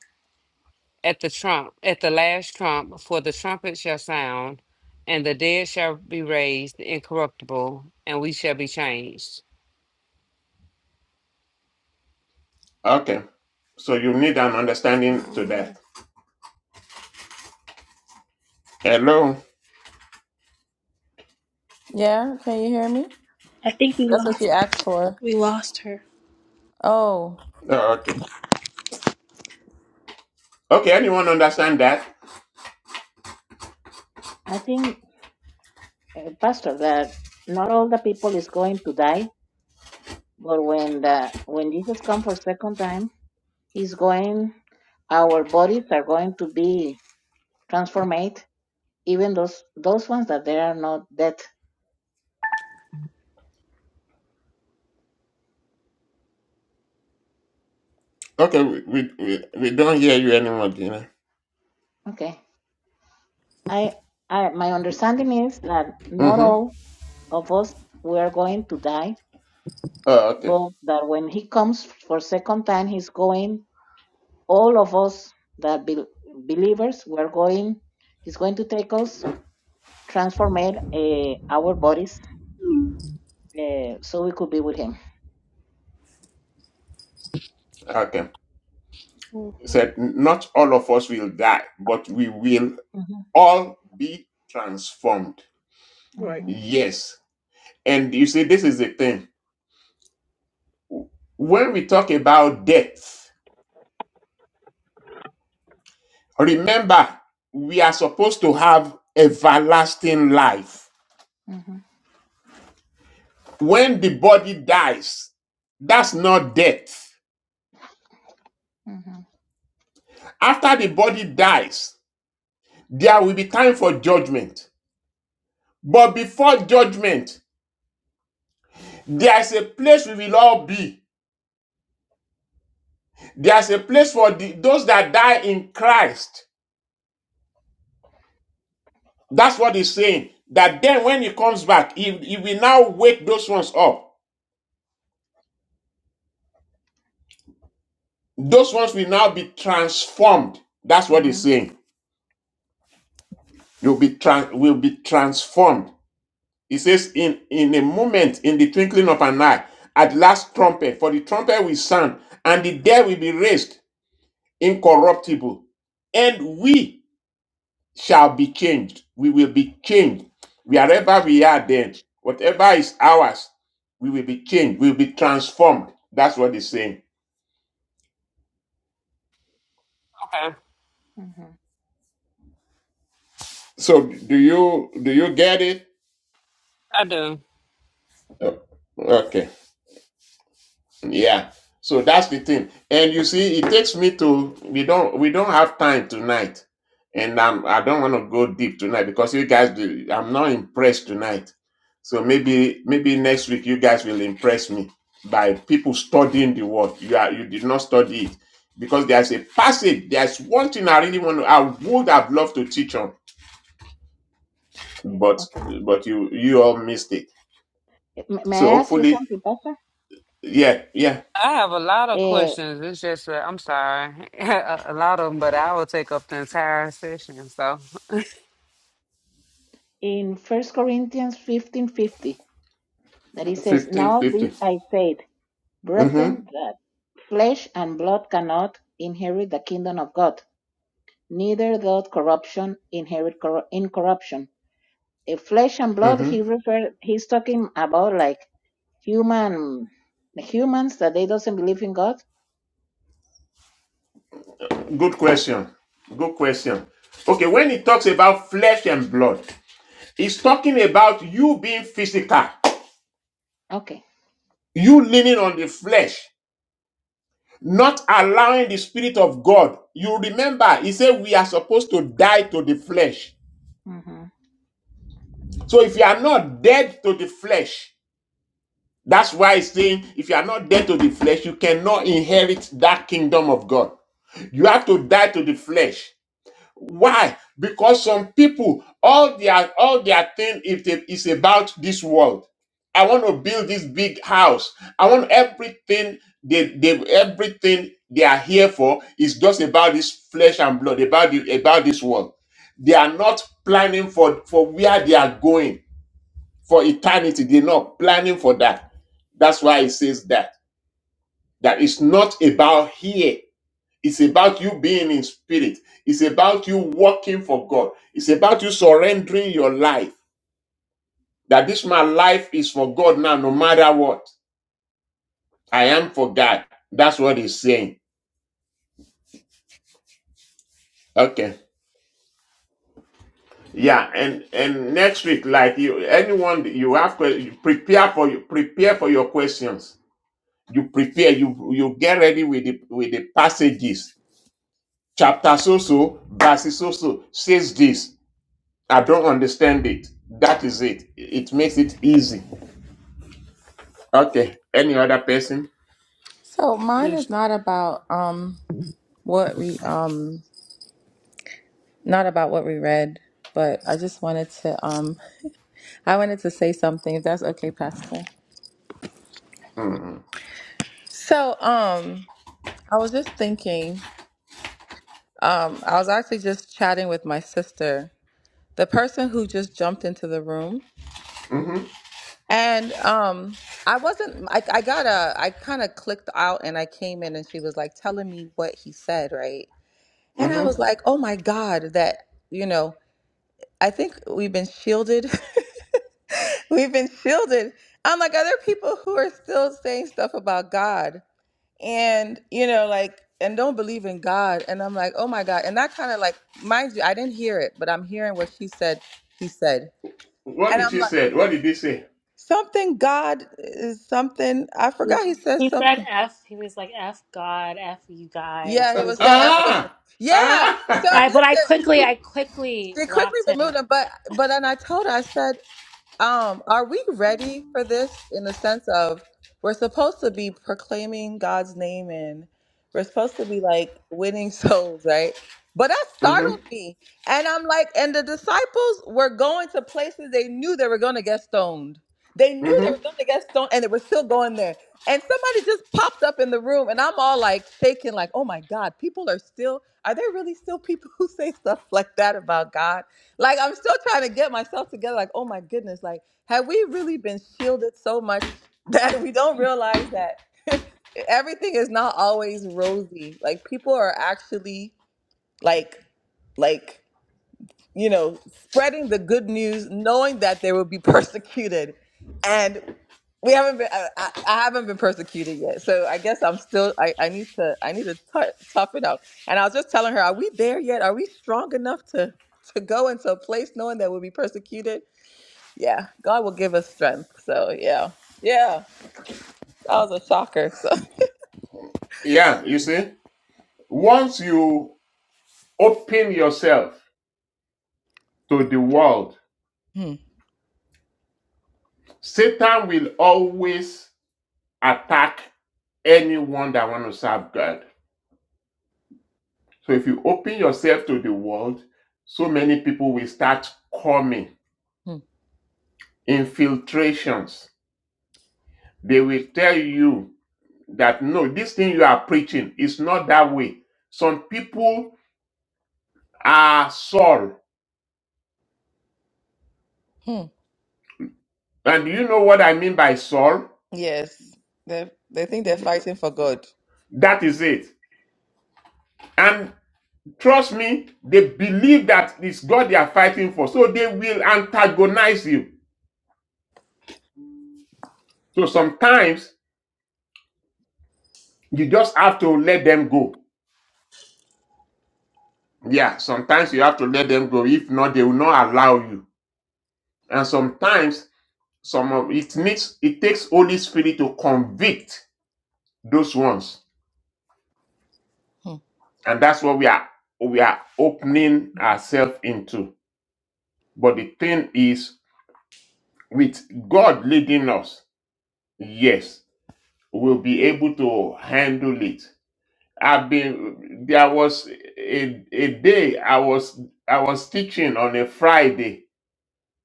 H: at the trump, at the last trump, for the trumpet shall sound, and the dead shall be raised incorruptible, and we shall be changed.
C: Okay. So you need an
H: No,
C: understanding to
H: no.
C: that. Hello.
A: Yeah, can you hear me?
E: I think we
A: That's what she
E: lost.
A: asked for.
E: We lost her.
A: Oh.
C: Oh, okay. Okay, anyone understand that?
F: I think, uh, Pastor, that not all the people is going to die, but when the when Jesus comes for second time, he's going. Our bodies are going to be transformed, even those those ones that they are not dead.
C: Okay, we we, we, we don't hear you anymore, Dina.
F: Okay, I, I my understanding is that not
C: Mm-hmm.
F: all of us we are going to die,
C: Oh, okay.
F: but that when he comes for second time, he's going all of us the bel believers we're going he's going to take us transform it, uh, our bodies uh, so we could be with him
C: Okay. It
G: Mm-hmm.
C: said not all of us will die, but we will
F: Mhm,
C: all be transformed.
G: Right.
F: mhm,
C: Yes. And you see, this is the thing. When we talk about death, Remember, we are supposed to have everlasting life.
F: mhm,
C: When the body dies, that's not death.
F: mhm,
C: After the body dies, there will be time for judgment. But before judgment, there is a place we will all be. There is a place for the, those that die in Christ. That's what he's saying. That then when he comes back, he, he will now wake those ones up. Those ones will now be transformed. That's what he's
F: mhm,
C: saying. You'll be tran- will be transformed. He says, in, in a moment, in the twinkling of an eye, at last trumpet, for the trumpet will sound, and the dead will be raised incorruptible, and we shall be changed. We will be changed. Wherever we are then, whatever is ours, we will be changed. We will be transformed. That's what he's saying.
H: Okay,
F: mhm.
C: So do you do you get it?
H: I do.
C: Oh, Okay. Yeah. So that's the thing. And you see, it takes me to we don't we don't have time tonight. And I'm I don't want to go deep tonight because you guys do I'm not impressed tonight. So maybe maybe next week you guys will impress me by people studying the word. You are you did not study it. Because there's a passage, there's one thing I really want to I would have loved to teach on, but
F: okay
C: but you you all missed it.
F: M- may
C: So
F: i ask you
C: hopefully,
F: something pastor
C: yeah, yeah.
H: I have a lot of
F: uh,
H: questions. It's just that I'm sorry, a a lot of them, but I will take up the entire session. So,
F: in first corinthians fifteen fifty, that he says
C: 15,
F: now this
C: 15.
F: i said brethren
C: Mm-hmm.
F: that flesh and blood cannot inherit the kingdom of god neither doth corruption inherit cor- incorruption In flesh and blood,
C: Mm-hmm.
F: he referred, he's talking about like human, the humans that they doesn't believe in God.
C: Good question. Good question. Okay, when he talks about flesh and blood, he's talking about you being physical,
F: Okay.
C: you leaning on the flesh, not allowing the Spirit of God. You remember, he said we are supposed to die to the flesh.
F: Mm-hmm.
C: So if you are not dead to the flesh, that's why he's saying if you are not dead to the flesh, you cannot inherit that kingdom of God. You have to die to the flesh. Why? Because some people, all their all their thing is, is about this world. I want to build this big house. I want everything they, they everything they are here for is just about this flesh and blood, about the, about this world. They are not planning for, for where they are going for eternity. They're not planning for that. That's why it says that. That it's not about here. It's about you being in spirit. It's about you working for God. It's about you surrendering your life. That this my life is for God now, no matter what. I am for God. That's what he's saying. Okay. Yeah, and and next week, like you, anyone that you have, que- you prepare for you prepare for your questions. You prepare. You you get ready with the with the passages. Chapter so so, verses so so says this. I don't understand it. That is it. It makes it easy. Okay. Any other person?
A: So mine
H: yes.
A: is not about um what we um not about what we read, but I just wanted to um I wanted to say something, if that's okay, Pastor. So, um, I was just thinking, um, I was actually just chatting with my sister, the person who just jumped into the room.
C: Mm-hmm.
A: And um, I wasn't, I, I got a, I kind of clicked out and I came in and she was like telling me what he said, right? And I
C: Mm-hmm.
A: was like, oh my God, that, you know, I think we've been shielded. we've been shielded. I'm like, are there people who are still saying stuff about God? and you know like and don't believe in god and i'm like oh my god and that kind of like mind you i didn't hear it but i'm hearing what she said he said
C: What
A: and
C: did
A: i'm
C: she
A: like
C: say? What did he say?
A: something god is something i forgot he said
E: He said
A: something
E: F. He was like F God, F you guys.
A: yeah
E: He
A: he
E: was
A: was
E: just.
A: saying
E: All
A: after
C: Ah!
A: yeah so
C: Ah!
E: right, but I
A: listen
E: quickly, I quickly
A: she quickly
E: blocked him.
A: removed him but but then i told her i said Um, are we ready for this in the sense of we're supposed to be proclaiming God's name and we're supposed to be like winning souls, right? But that
C: mm-hmm.
A: startled me. And I'm like, and the disciples were going to places they knew they were going to get stoned. They knew they
C: Mm-hmm.
A: were going to get stoned and they were still going there. And somebody just popped up in the room and I'm all like shaking, like, oh my God, people are still, are there really still people who say stuff like that about God? Like I'm still trying to get myself together. Like, oh my goodness, like have we really been shielded so much that we don't realize that everything is not always rosy. Like people are actually like like you know spreading the good news, knowing that they will be persecuted, and we haven't been I, I I haven't been persecuted yet so i guess i'm still i, I need to i need to tou- tough it up and i was just telling her are we there yet are we strong enough to to go into a place knowing that we'll be persecuted yeah god will give us strength so yeah yeah that was a shocker so
C: Yeah, you see? Once you open yourself to the world,
A: Hmm,
C: Satan will always attack anyone that wants to serve God. So if you open yourself to the world, so many people will start coming.
A: hmm,
C: Infiltrations They will tell you that no, this thing you are preaching is not that way. Some people are Saul.
A: hmm.
C: And you know what I mean by Saul?
A: yes they they think they're
F: Mm-hmm.
A: fighting for good
C: That is it. And trust me, they believe that it's God they are fighting for. So they will antagonize you. So sometimes you just have to let them go. Yeah, sometimes you have to let them go. If not, they will not allow you. And sometimes some of it needs it takes Holy Spirit to convict those ones
A: Hmm,
C: and that's what we are we are opening ourselves into but the thing is with god leading us yes we'll be able to handle it i've been there was a, a day i was i was teaching on a friday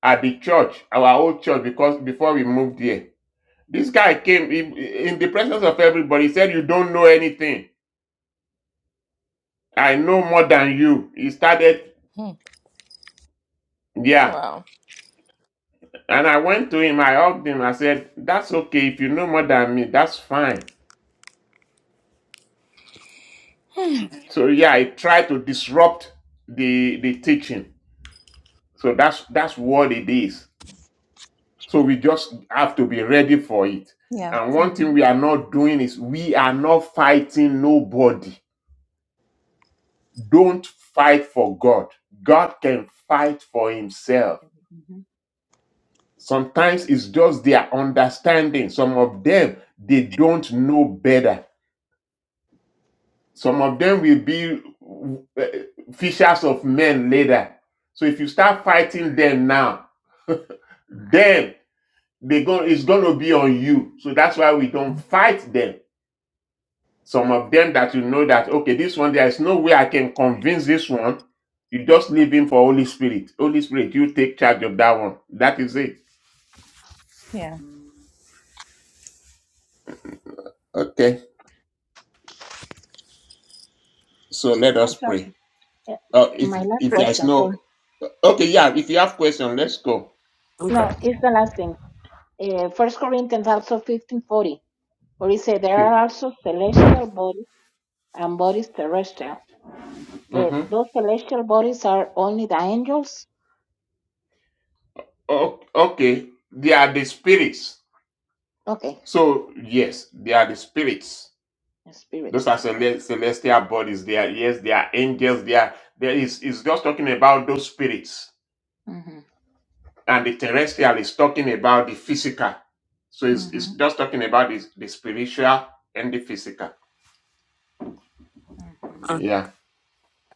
C: at the church our old church because before we moved here this guy came in, in the presence of everybody said you don't know anything i know more than you he started
A: hmm.
C: yeah
A: wow
C: And I went to him, I hugged him, I said, That's okay. If you know more than me, that's fine. So yeah, I tried to disrupt the the teaching. So that's that's what it is. So we just have to be ready for it.
A: yeah
C: And one thing we
F: hmm
C: are not doing is we are not fighting nobody. Don't fight for God. God can fight for himself. Sometimes it's just their understanding. Some of them they don't know better Some of them will be uh, fishers of men later. So if you start fighting them now, then they go, it's going to be on you. So that's why we don't fight them. Some of them that you know that, okay, this one, there is no way I can convince this one. You just leave him for Holy Spirit. Holy Spirit, you take charge of that one. That is it. Okay. So let us
F: Actually,
C: pray.
F: uh,
C: Uh, if
F: my last
C: if there's
F: question. So
C: no okay, yeah. If you have question, let's go.
F: no,
H: okay.
F: it's the last thing. Uh, First Corinthians also fifteen forty, where it says there are also celestial bodies and bodies terrestrial. Uh,
C: Mhm.
F: those celestial bodies are only the angels.
C: O- okay, they are the spirits.
F: Okay,
C: So yes, they are the spirits.
F: the
C: Those
F: spirits.
C: are
F: Okay.
C: cele- celestial bodies. They are yes, they are angels. They are there is is just talking about those spirits,
F: Mm-hmm.
C: and the terrestrial is talking about the physical. So it's, it's
F: Mm-hmm.
C: just talking about the, the spiritual and the physical.
F: Mm-hmm.
C: Yeah.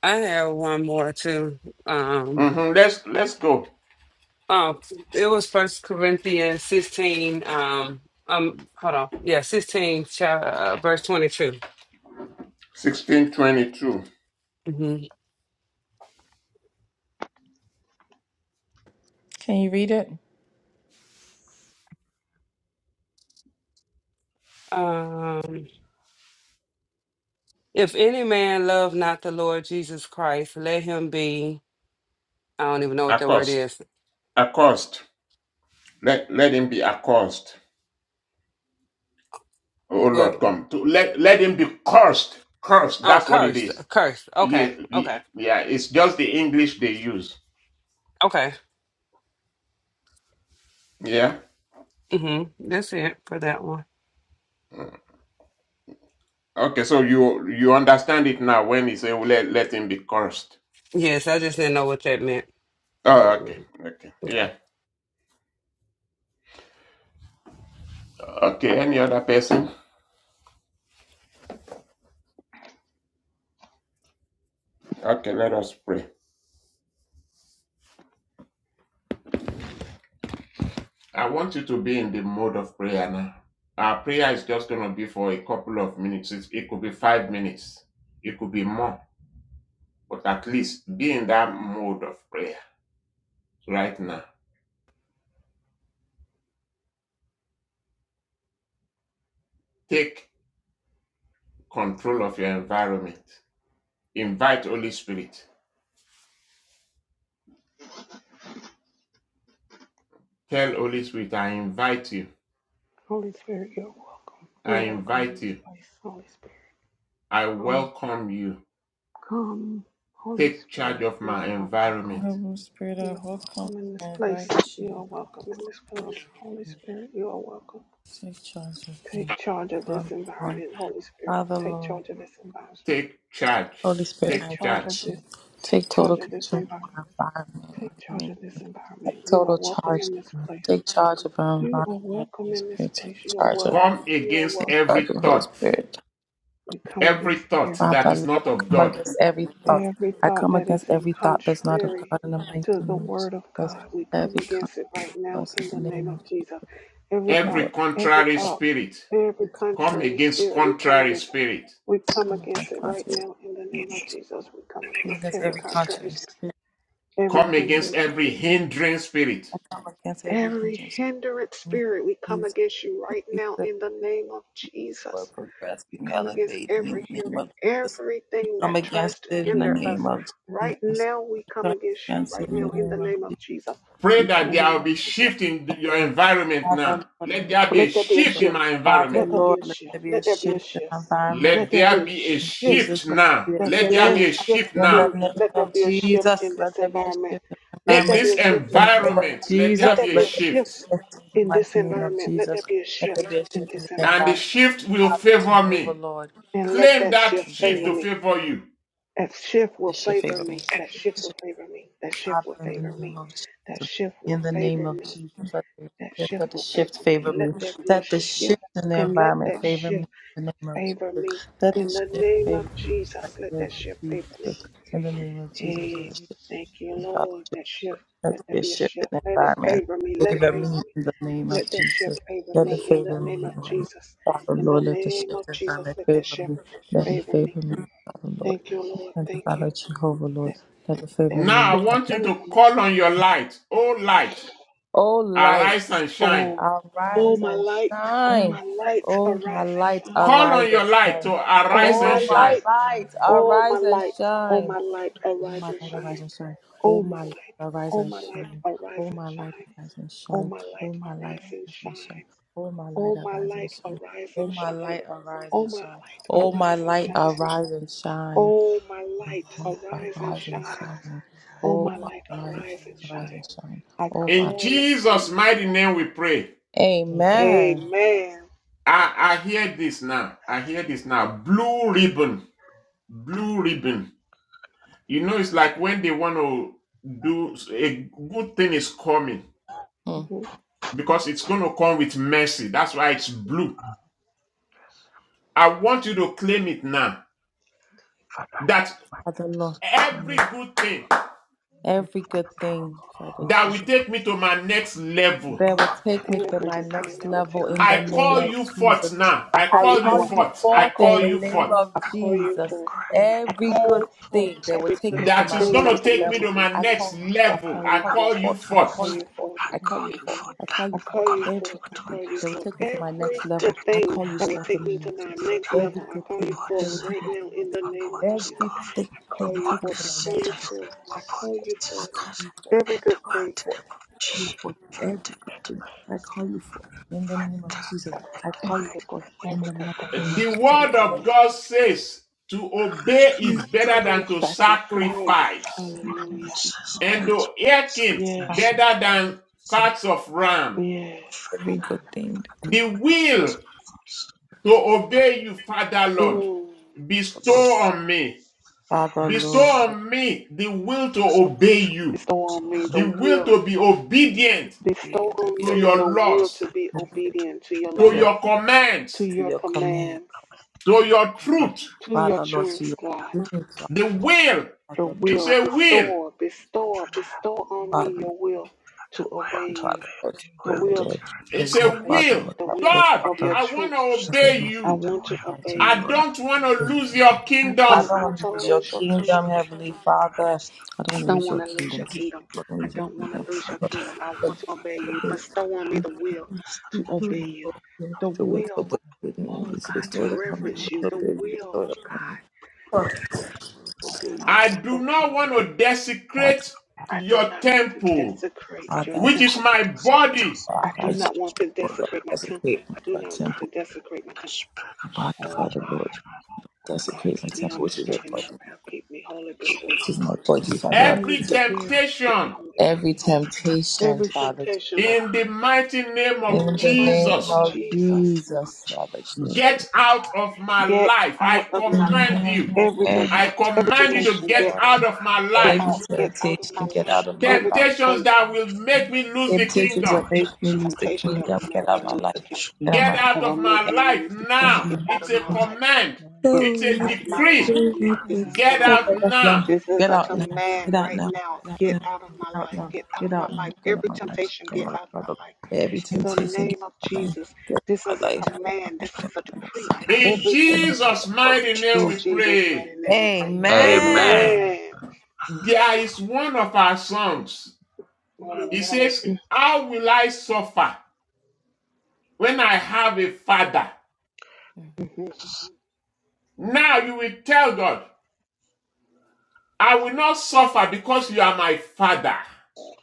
H: I have one more too. Um,
C: hmm Let's let's go.
H: oh, it was First Corinthians sixteen. Um, um, hold on, yeah, sixteen, cha- uh, verse twenty-two.
C: Sixteen twenty two.
H: Mhm.
A: Can you read it?
H: Um, if any man love not the Lord Jesus Christ, let him be. I don't even know what the word
C: Accost.
H: is.
C: Accost. Let let him be accost. Oh Lord,
H: Well,
C: come to let let him be cursed. Cursed.
H: oh,
C: That's what it
H: cursed,
C: is.
H: cursed. Okay,
C: Yeah, the-
H: okay,
C: yeah. It's just the English they use.
H: okay.
C: Yeah.
H: hmm That's it for that one.
C: Okay. So you you understand it now when he say "Oh, let let him be cursed.
H: Yes, I just didn't know what that meant. The
C: Oh, okay.
H: word
C: Okay.
H: meant.
C: Yeah. Okay. Any other person? Okay. Let us pray. I want you to be in the mode of prayer now. Our prayer is just going to be for a couple of minutes. It, it could be five minutes. It could be more. But at least be in that mode of prayer right now. Take control of your environment. Invite Holy Spirit. Tell Holy Spirit, I invite you.
G: Holy Spirit, you're welcome.
C: I
G: You're welcome in
C: invite
G: this
C: you.
G: place. Holy Spirit,
C: I
G: come,
C: welcome you.
G: come. Holy
C: Take charge
G: Spirit,
C: of
G: you
C: my
G: are welcome.
C: environment.
A: Holy Spirit, I
G: You're
A: welcome
G: welcome in this
A: and
G: place.
A: invite
G: You
A: you.
G: are welcome in this place. Holy Spirit, you are welcome.
A: Take charge of
G: Take charge of this
A: me.
G: environment, Holy Spirit.
A: Father,
G: Take
A: Lord,
G: charge of this environment.
C: Take charge.
A: Holy Spirit, I
G: Take
C: Take
G: charge
C: charge.
G: of
A: invite
G: this.
A: you.
G: Take
A: Take total
G: charge of this
A: control of
G: environment.
A: my environment. in
G: Take
A: the
G: charge
A: name-
G: of this environment.
A: Take
G: You are
A: total
G: welcome
A: charge.
G: in this
A: of me
G: place.
A: Take charge of our
G: You are
A: environment.
G: welcome
A: Holy
G: in this
A: Spirit, take
G: place. You are
A: charge of.
C: Come
G: welcome. You are
C: against
A: Take
G: welcome.
A: charge
C: every
A: of
G: You
A: the
G: are
A: Holy
G: welcome.
C: thought,
A: Spirit.
G: We come
C: every
G: against
C: thought
G: every
C: that
A: Father,
C: is
A: Lord,
C: not
A: I
C: of
A: come
C: God,
A: against every thought.
G: every
A: I
G: thought
A: come
G: that
A: against
G: is in
A: every thought that's not of
G: contrary
A: God in the mighty
G: to the
A: name of
G: word of
A: Jesus.
G: God. We come
A: Every
G: against it right now in
A: contrast
G: the
A: in the
G: name
A: name
G: of
A: of Jesus.
G: Jesus. Every
A: Father,
C: every
G: thought,
A: Lord,
G: every
C: contrary
G: thought,
C: spirit.
G: every
C: Come
G: contrary
C: against
G: spirit, we come
C: contrary
G: against it.
C: spirit.
G: We
A: I
G: come
A: come
G: against
A: against
G: it right
A: contrary.
G: now in the name of
A: spirits.
G: Jesus. We come
A: I come
G: against
A: against
G: every
A: every
G: contrary
A: contrary
G: spirit.
A: spirit. I
G: Every
A: come
C: Come
A: against every.
C: against
G: contrary
C: every
G: spirit,
C: hindering spirit.
A: I come against every
G: every
A: hindrance.
G: hindered spirit, we come against you right now in the name of
A: for
G: Jesus. We
A: progressing,
G: come against
A: elevating in
G: every
A: the name
G: hinder,
A: of Jesus.
G: everything
A: Come
G: that
A: against
G: tries to
A: it in the
G: hinder us.
A: name of
G: Right
A: Jesus.
G: now, we come
A: Come
G: against you
A: against
G: right
A: it in
G: now
A: the
G: in the
A: name of
G: name of Jesus.
C: Pray
A: Jesus.
G: In
C: that
G: the
C: there
G: name
C: will
G: of
C: be
G: Jesus.
C: shift in your environment
A: Father,
C: now.
A: Lord, in the-
C: Let
A: name
C: there be a
G: Let there be a
C: shift
A: of-
C: in
G: shift.
C: my
A: Father,
C: environment.
G: Let there be
A: Lord,
G: a
A: let
G: shift.
A: there be a
G: Let there be a
A: shift in the
G: shift.
A: environment.
G: Let
C: Let
G: there be
C: there
G: a
C: be a
G: shift
A: Jesus,
C: shift
A: let
C: now.
A: there be a
G: let there
C: Let
G: be
C: there
G: a
C: be a
A: shift
G: shift
C: shift
A: in the
G: in
C: now.
A: name
G: let there
A: of
G: be a shift in
A: Jesus.
G: this
A: Let there be a
G: environment.
A: shift in the
G: Let
C: In
G: there
A: environment.
G: be
C: this
G: a shift in
A: In
G: this
A: the name
G: environment.
A: of
C: environment, let
G: Let
C: there
G: there
A: Jesus,
C: be a
G: be a
A: let there be a
G: shift.
C: shift.
A: shift in the
G: in this
A: mighty name of
G: environment. Let there
A: Jesus.
G: be a
A: Let there
G: shift
A: be a
G: in
A: shift in
G: this
A: the
C: And the
G: environment.
A: environment.
C: shift will
A: Father,
C: favor
A: Jehovah,
C: me.
A: Lord,
G: And let
C: Claim
G: that
C: that
G: shift
A: in the
C: shift
G: favor
A: name
C: to
G: me.
C: favor you.
G: That shift will
A: This should
G: favor
A: favor me.
G: me. That shift
A: This
G: will
A: should
G: favor me. That shift will
A: in the
G: favor
A: name
G: me.
A: of
G: That
A: Jesus.
G: shift will
A: In the name
G: favor
A: of
G: me.
A: Jesus, let the
G: That
A: shift,
G: shift
A: let the
G: will
A: shift
G: favor me.
A: favor
G: Let
A: me.
G: there be a
A: Let the shift
G: shift
A: in the
G: and let
A: environment
G: that
A: favor me.
G: shift
A: In the name of
G: favor me.
A: Jesus, let the
G: In the
A: shift
G: name of
A: favor me.
G: Jesus, let
A: In the name
G: that
A: of
G: shift favor
A: Jesus,
G: me.
A: in the name of Jesus, let the
G: Amen.
A: shift,
G: Thank you,
A: in me, Father,
G: Lord. That shift,
A: let
G: let
A: there
G: there
A: be a
G: be a
A: shift in
G: shift.
A: the
G: Let it
A: environment.
G: favor me. Let it
A: Favor
G: favor
A: me
G: me.
A: in the name of
G: Let that shift
A: Jesus.
G: favor
A: Let it
G: me
B: Shift
G: in the
A: favor
G: name of
A: me. Lord.
G: Jesus.
B: right to
A: Father,
B: the
G: In the
A: Lord,
B: left,
A: let
B: shift
A: the shift
G: name
A: in
G: of
A: the
G: Jesus,
A: environment
G: let that
A: favor
G: shift
A: me.
B: right,
A: Let it
B: shift
G: favor me.
A: favor me.
B: right, shift
A: Father, Lord.
G: Thank
B: right,
G: you,
B: shift right.
G: Lord.
A: Thank you,
G: Thank you.
A: Father Jehovah, Lord.
G: That
A: Let it
G: that
A: favor
C: Now
A: me.
C: I
G: shift
A: Like
C: want
A: it.
C: you to
G: favor me.
C: call on your light. Oh light,
A: Oh, light,
C: arise and shine.
G: Oh, oh
A: arise
G: my
A: and
G: light, oh
A: shine.
G: my light,
A: Oh, my
G: arise and
A: light,
G: shine.
C: Call
B: This
A: arise
C: on
B: I
C: your
A: and
B: shine.
C: light
A: shine.
C: to
G: Oh
C: arise
G: my
C: and
A: Oh, my
C: shine.
G: light,
B: All
A: light,
B: my
G: oh my
B: lights
A: arise and
G: light, oh
B: are
A: shine.
G: my light,
B: I
A: Oh,
G: arise
A: my
G: and
A: light,
B: shine.
A: arise
G: shine.
A: and shine.
B: All my
A: Oh,
G: Oh my
A: my
B: lights
A: light,
B: are
G: light,
A: arise
B: I
G: oh
A: and
G: my
B: shine.
G: light,
A: shine.
G: arise
A: Oh,
G: and
A: my light,
G: shine.
A: arise and
G: Oh
A: shine.
G: my
A: Oh,
G: light,
A: my
G: arise
A: light,
G: and
A: arise
G: shine.
A: and shine. Oh, my
G: Oh
A: light,
G: my
A: arise and
G: light,
A: shine.
G: arise
A: Oh,
G: and
A: my
G: shine.
A: light, arise
G: Oh
A: and
G: my light,
A: shine. Oh, my
G: arise and
A: light,
G: shine.
A: arise and shine.
G: Oh, my
A: my
G: light,
A: light,
G: arise and
A: arise and
G: shine.
A: shine.
G: Oh,
A: Oh,
G: my
A: my
G: light,
A: light,
G: arise and
A: arise
G: shine.
A: and shine.
G: I
A: Oh, my.
C: In
G: call upon
C: Jesus'
G: my light.
C: mighty name we pray.
F: Amen.
B: Amen.
A: Amen.
G: Amen.
C: I, I hear this now. I hear this now. Blue ribbon. Blue ribbon. You know, it's like when they want to do a good thing is coming
A: Mm.
G: Mm-hmm.
C: because it's going to come with mercy. That's why it's blue. I want you to claim it now that
J: Father,
A: Father, Lord,
C: every
A: and
C: good thing
B: Thank you,
A: every
B: God.
A: good thing, Father,
C: that
A: Jehovah.
C: will take me to my next
B: God,
C: level,
B: we
A: that will
B: take
A: take me
B: the
A: to
G: Every
A: my
G: good thing
A: next
G: that will
A: level
G: take me
A: in
G: to
A: the
G: my
C: I
G: next
A: name
C: call
A: of
G: level.
C: you
B: name.
C: forth
A: Jesus.
C: now.
G: I
C: I
A: I
G: call you
C: call you
A: call
G: forth.
A: you
C: forth.
G: I
C: I
A: forth in
G: call
C: call
A: the
G: you
C: you
A: name
C: forth.
G: forth.
A: of
G: I call you
A: Jesus.
G: forth. I
A: Every good
G: call forth
A: thing that will
G: every
A: take
G: good
A: me to
C: That
A: my
C: is
G: thing that
C: going
A: next
G: will
C: to
G: take me
C: take
G: to
C: me
A: level.
G: my
C: to my
G: next
A: I
G: level.
C: next
A: call you
G: I
A: forth.
C: level.
G: call
A: I
C: I
G: you
A: call you
G: forth.
C: call you
A: forth.
G: I
A: I call
G: call
C: forth.
A: you
G: you
A: forth.
G: forth. I
A: I call
G: call
A: you
G: you
A: forth.
G: forth.
A: I call
G: I
A: you forth.
G: call you
A: Every
G: forth. I
A: good thing
G: call you
A: that will
G: forth.
J: in
A: take me to my
G: Every
A: next
G: good
A: level. I
G: thing
A: call you
G: that will
A: forth in
G: take
A: the
G: me
A: name
G: to
A: of
G: my
A: Jesus.
G: next
A: Every
G: level. I
A: good
G: call you
A: thing
G: forth
A: that will take
G: right
A: me to
G: now
A: my
G: in
A: next
G: the name of
A: level.
G: Jesus.
A: Everything
G: I
A: that
G: call
A: will
G: you
A: take me
G: forth.
A: to
G: I
A: my
G: call
A: next
G: you
A: level.
G: forth. I call you
A: I
G: forth.
A: call you forth.
G: Every good
A: I Call you
G: thing.
A: forth. You forth every good thing. I call you forth in the name of Jesus.
B: Yes.
A: I
J: the
A: call
G: Every
A: you
G: good
J: mighty
G: thing.
A: forth
J: name
A: in
G: Every
A: the
G: good
A: mighty
G: thing.
A: name
J: English
A: of
C: The
A: Jesus.
G: Every
C: word
G: good
C: of
G: thing.
C: God says to obey
J: became
A: You
C: is better
J: another
C: than to
A: forth. Call
G: Sacrifice.
C: sacrifice,
A: you forth.
G: Hallelujah.
A: Jesus.
J: emphasis with
C: and to
J: its emphasis
C: hearken
J: on
G: Yes,
J: consonants.
A: Father,
C: better than
J: This
A: good.
C: fats of ram.
G: yes.
A: Every
G: Hallelujah.
A: good thing that
C: The will to obey you, Father
A: comes from
C: Lord,
G: Mm.
A: the Lord.
C: bestow on me.
A: Father,
C: Bestow
A: Lord,
C: on me the will to
J: is not
C: obey you,
G: Bestow on me the
J: discriminatory.
C: the
A: um,
C: will
G: will.
C: to be obedient
G: Bestow
A: we to
G: on
A: be
C: to
G: me
A: obedient
G: the
C: your
G: will to
C: laws,
G: be
A: to
G: obedient to your
C: to
A: your
G: laws,
C: your
G: to
C: commands,
A: to
G: your
A: your command.
G: commands,
C: to your truth.
G: to your
A: Father, Lord,
G: truth,
A: to
G: God.
A: your spirit,
C: The will,
G: The
A: Father,
J: The
C: it's
J: way
G: will.
C: a
J: of
C: will
G: Bestow, bestow,
J: pretend,
G: bestow on
A: Lord.
G: me your will
J: the
G: to
J: way
A: Lord,
G: obey
J: to
G: you.
A: Father,
J: be,
A: first
J: the
G: The
A: of
J: way to
G: will to
A: Lord,
J: carry
A: the
J: a
C: It's a
A: Lord,
G: obey you.
A: Father,
C: will.
A: Lord,
G: The
A: I pray,
G: will
C: God,
G: of your
A: Father, Lord,
C: I want
G: truth.
C: to
A: I
J: conversation,
C: obey
A: don't
G: I
C: you.
J: the
G: want to
J: way of
A: want to lose
G: obey
C: I
G: you.
A: Lord. Lord,
C: don't want
B: God,
C: to
B: I
A: I
C: lose
A: pray.
B: want to
C: your
G: I
B: be
A: I
G: don't
C: kingdom.
A: don't
J: fact,
G: want
A: want
G: to
A: to
J: the
A: lose your
G: lose
B: whatever
G: your
B: I
G: kingdom
J: relation
A: kingdom,
B: worship
A: Heavenly
J: to
A: Father.
J: fairness, the
B: in the
A: I
G: I
A: don't want
J: relation
A: to
B: worship.
G: don't
A: lose
G: want
A: your
G: to
B: Now
J: to
G: lose
B: that
A: kingdom.
G: your
A: I
B: I
J: relation
G: kingdom.
B: want to
A: don't want
B: be
A: to
G: I
A: lose your
G: don't want
J: to
A: kingdom,
G: to lose
A: Father,
G: your
B: at
J: fact,
A: Lord.
G: kingdom. I
B: the
A: But-
G: want to
B: second
G: obey
B: of the
G: you.
J: fact,
A: but-
G: Bestow on me the
B: mentions,
G: will to
J: establishment,
B: I
G: obey
B: have
G: you. The
A: The will so
G: will,
A: big within me
G: oh
A: is
G: God, to
A: restored upon
G: reverence
A: me,
G: you.
A: so
G: The
A: big
G: will,
A: bestowed
G: oh
A: upon me.
G: God,
A: So
G: oh
A: big,
G: Father
C: I
G: God,
C: do
G: the
C: not
G: will.
C: want to
A: God,
C: desecrate
G: I do
C: your
G: not want to
C: temple,
G: desecrate
J: fact,
G: your
A: Father,
J: the
C: which is
J: one
G: temple.
C: my
J: that's
B: This remote
C: body.
B: from
G: I
B: the
G: do
A: Father,
G: not want to
A: Father,
J: chosen,
G: desecrate my temple.
A: desecrate
G: I do
A: my
G: not want to
A: temple,
G: desecrate my
B: mighty
G: temple.
J: Dash Bergman
B: now.
A: body,
G: Oh
J: was
A: Father,
J: initially
G: God,
A: Lord.
B: I
J: discouraged
G: oh God,
A: Desecrate my
G: keep
J: by
G: me
J: his
G: on
A: temple,
G: the
A: which is your
G: straight and
J: devout
A: blood.
G: narrow path. Keep me holy before you,
A: This
G: Lord.
A: my body, Father. Lord.
G: Holy
C: Every
G: Spirit, keep me
C: temptation
G: holy, keep
A: Every
G: me holy.
B: thank you in
A: temptation,
G: Every
J: representation
A: Father, to-
G: temptation
A: fall.
C: in the mighty name
G: In
C: of
A: in
G: the
A: the
G: mighty name
A: name
G: of
C: Jesus,
B: the
A: of
J: and
B: mighty
J: debate
G: Jesus,
B: name
J: on
B: of
A: Jesus, Father,
J: Jesus'
A: to-
B: Jesus.
A: fall.
C: get out of my
G: get
C: life. I
G: out of my
B: Let
C: command
G: life.
B: out
C: you.
B: of my
G: Every
J: evidentiation
A: every
C: I
B: life
G: temptation,
J: and
G: every
C: command you
J: crucifixion
C: to
G: temptation,
C: get
B: everything
G: get
B: that
G: out,
C: out
A: temptation,
B: seems
C: of
J: by
B: to
C: my
B: be
G: get
C: life.
B: out
A: every
B: of
G: out,
J: evidentiation
B: my
G: get
B: life.
G: out of my
A: temptation, get
G: life.
A: out of my
J: given
B: Lord,
G: Every
A: life.
C: Temptations
G: temptation,
C: that will make me lose the
A: Temptations
C: kingdom.
A: that make me
G: a
A: lose the
G: temptation that
A: kingdom,
G: will
A: get
G: make
A: out
G: me
A: of my
G: lose the
A: life.
G: kingdom,
A: Get out of my
C: Get
A: life.
G: that
C: out
G: will
C: of
G: make
C: my
A: Get
G: me
C: life
G: lose the
A: out of
G: kingdom.
C: now.
G: Get
A: my
G: out
C: It's
G: of
C: a
G: my
J: accordance
G: life.
C: command.
G: Get
C: It's
A: life.
C: a
G: out of my
C: decree.
G: life
A: Go
G: now.
J: by
G: This
A: get
G: is a
F: Amen, amen,
C: Get out
J: Roman
G: command.
A: out
C: now.
A: now.
G: This is
A: Get
G: a
A: out now.
G: command
A: Get out
G: right
A: now.
G: now.
A: Get out
G: Get
A: now.
G: out of my
A: Get out
G: life.
A: now.
G: Get out of
A: Get
G: my
A: out now.
G: life.
A: Get out
G: Every
A: my life.
G: temptation,
A: Get out
G: get
A: my life.
G: out of my
A: Father.
G: life.
A: Every
G: In the
J: contemporary
A: temptation. Get
G: name of
A: out my life.
G: Jesus,
A: Get
G: this
A: out
G: is
A: my
G: a
A: life.
J: religious
G: command. This
A: Get out
G: is a
A: my life.
G: decree
C: In
G: every
A: Get out my life.
G: temptation.
C: Jesus'
A: Get out my
J: on
C: mighty name
G: In
A: life.
C: we
J: Jesus.
G: Jesus'
C: pray.
G: mighty name we pray.
J: Amen.
A: Amen.
G: Amen.
C: There is one of our sons.
F: amen, amen,
G: Mhm,
C: He
F: amen,
C: says, How will I suffer when I have a father?
G: mhm.
C: Now you will tell God, I will not suffer because you are my father.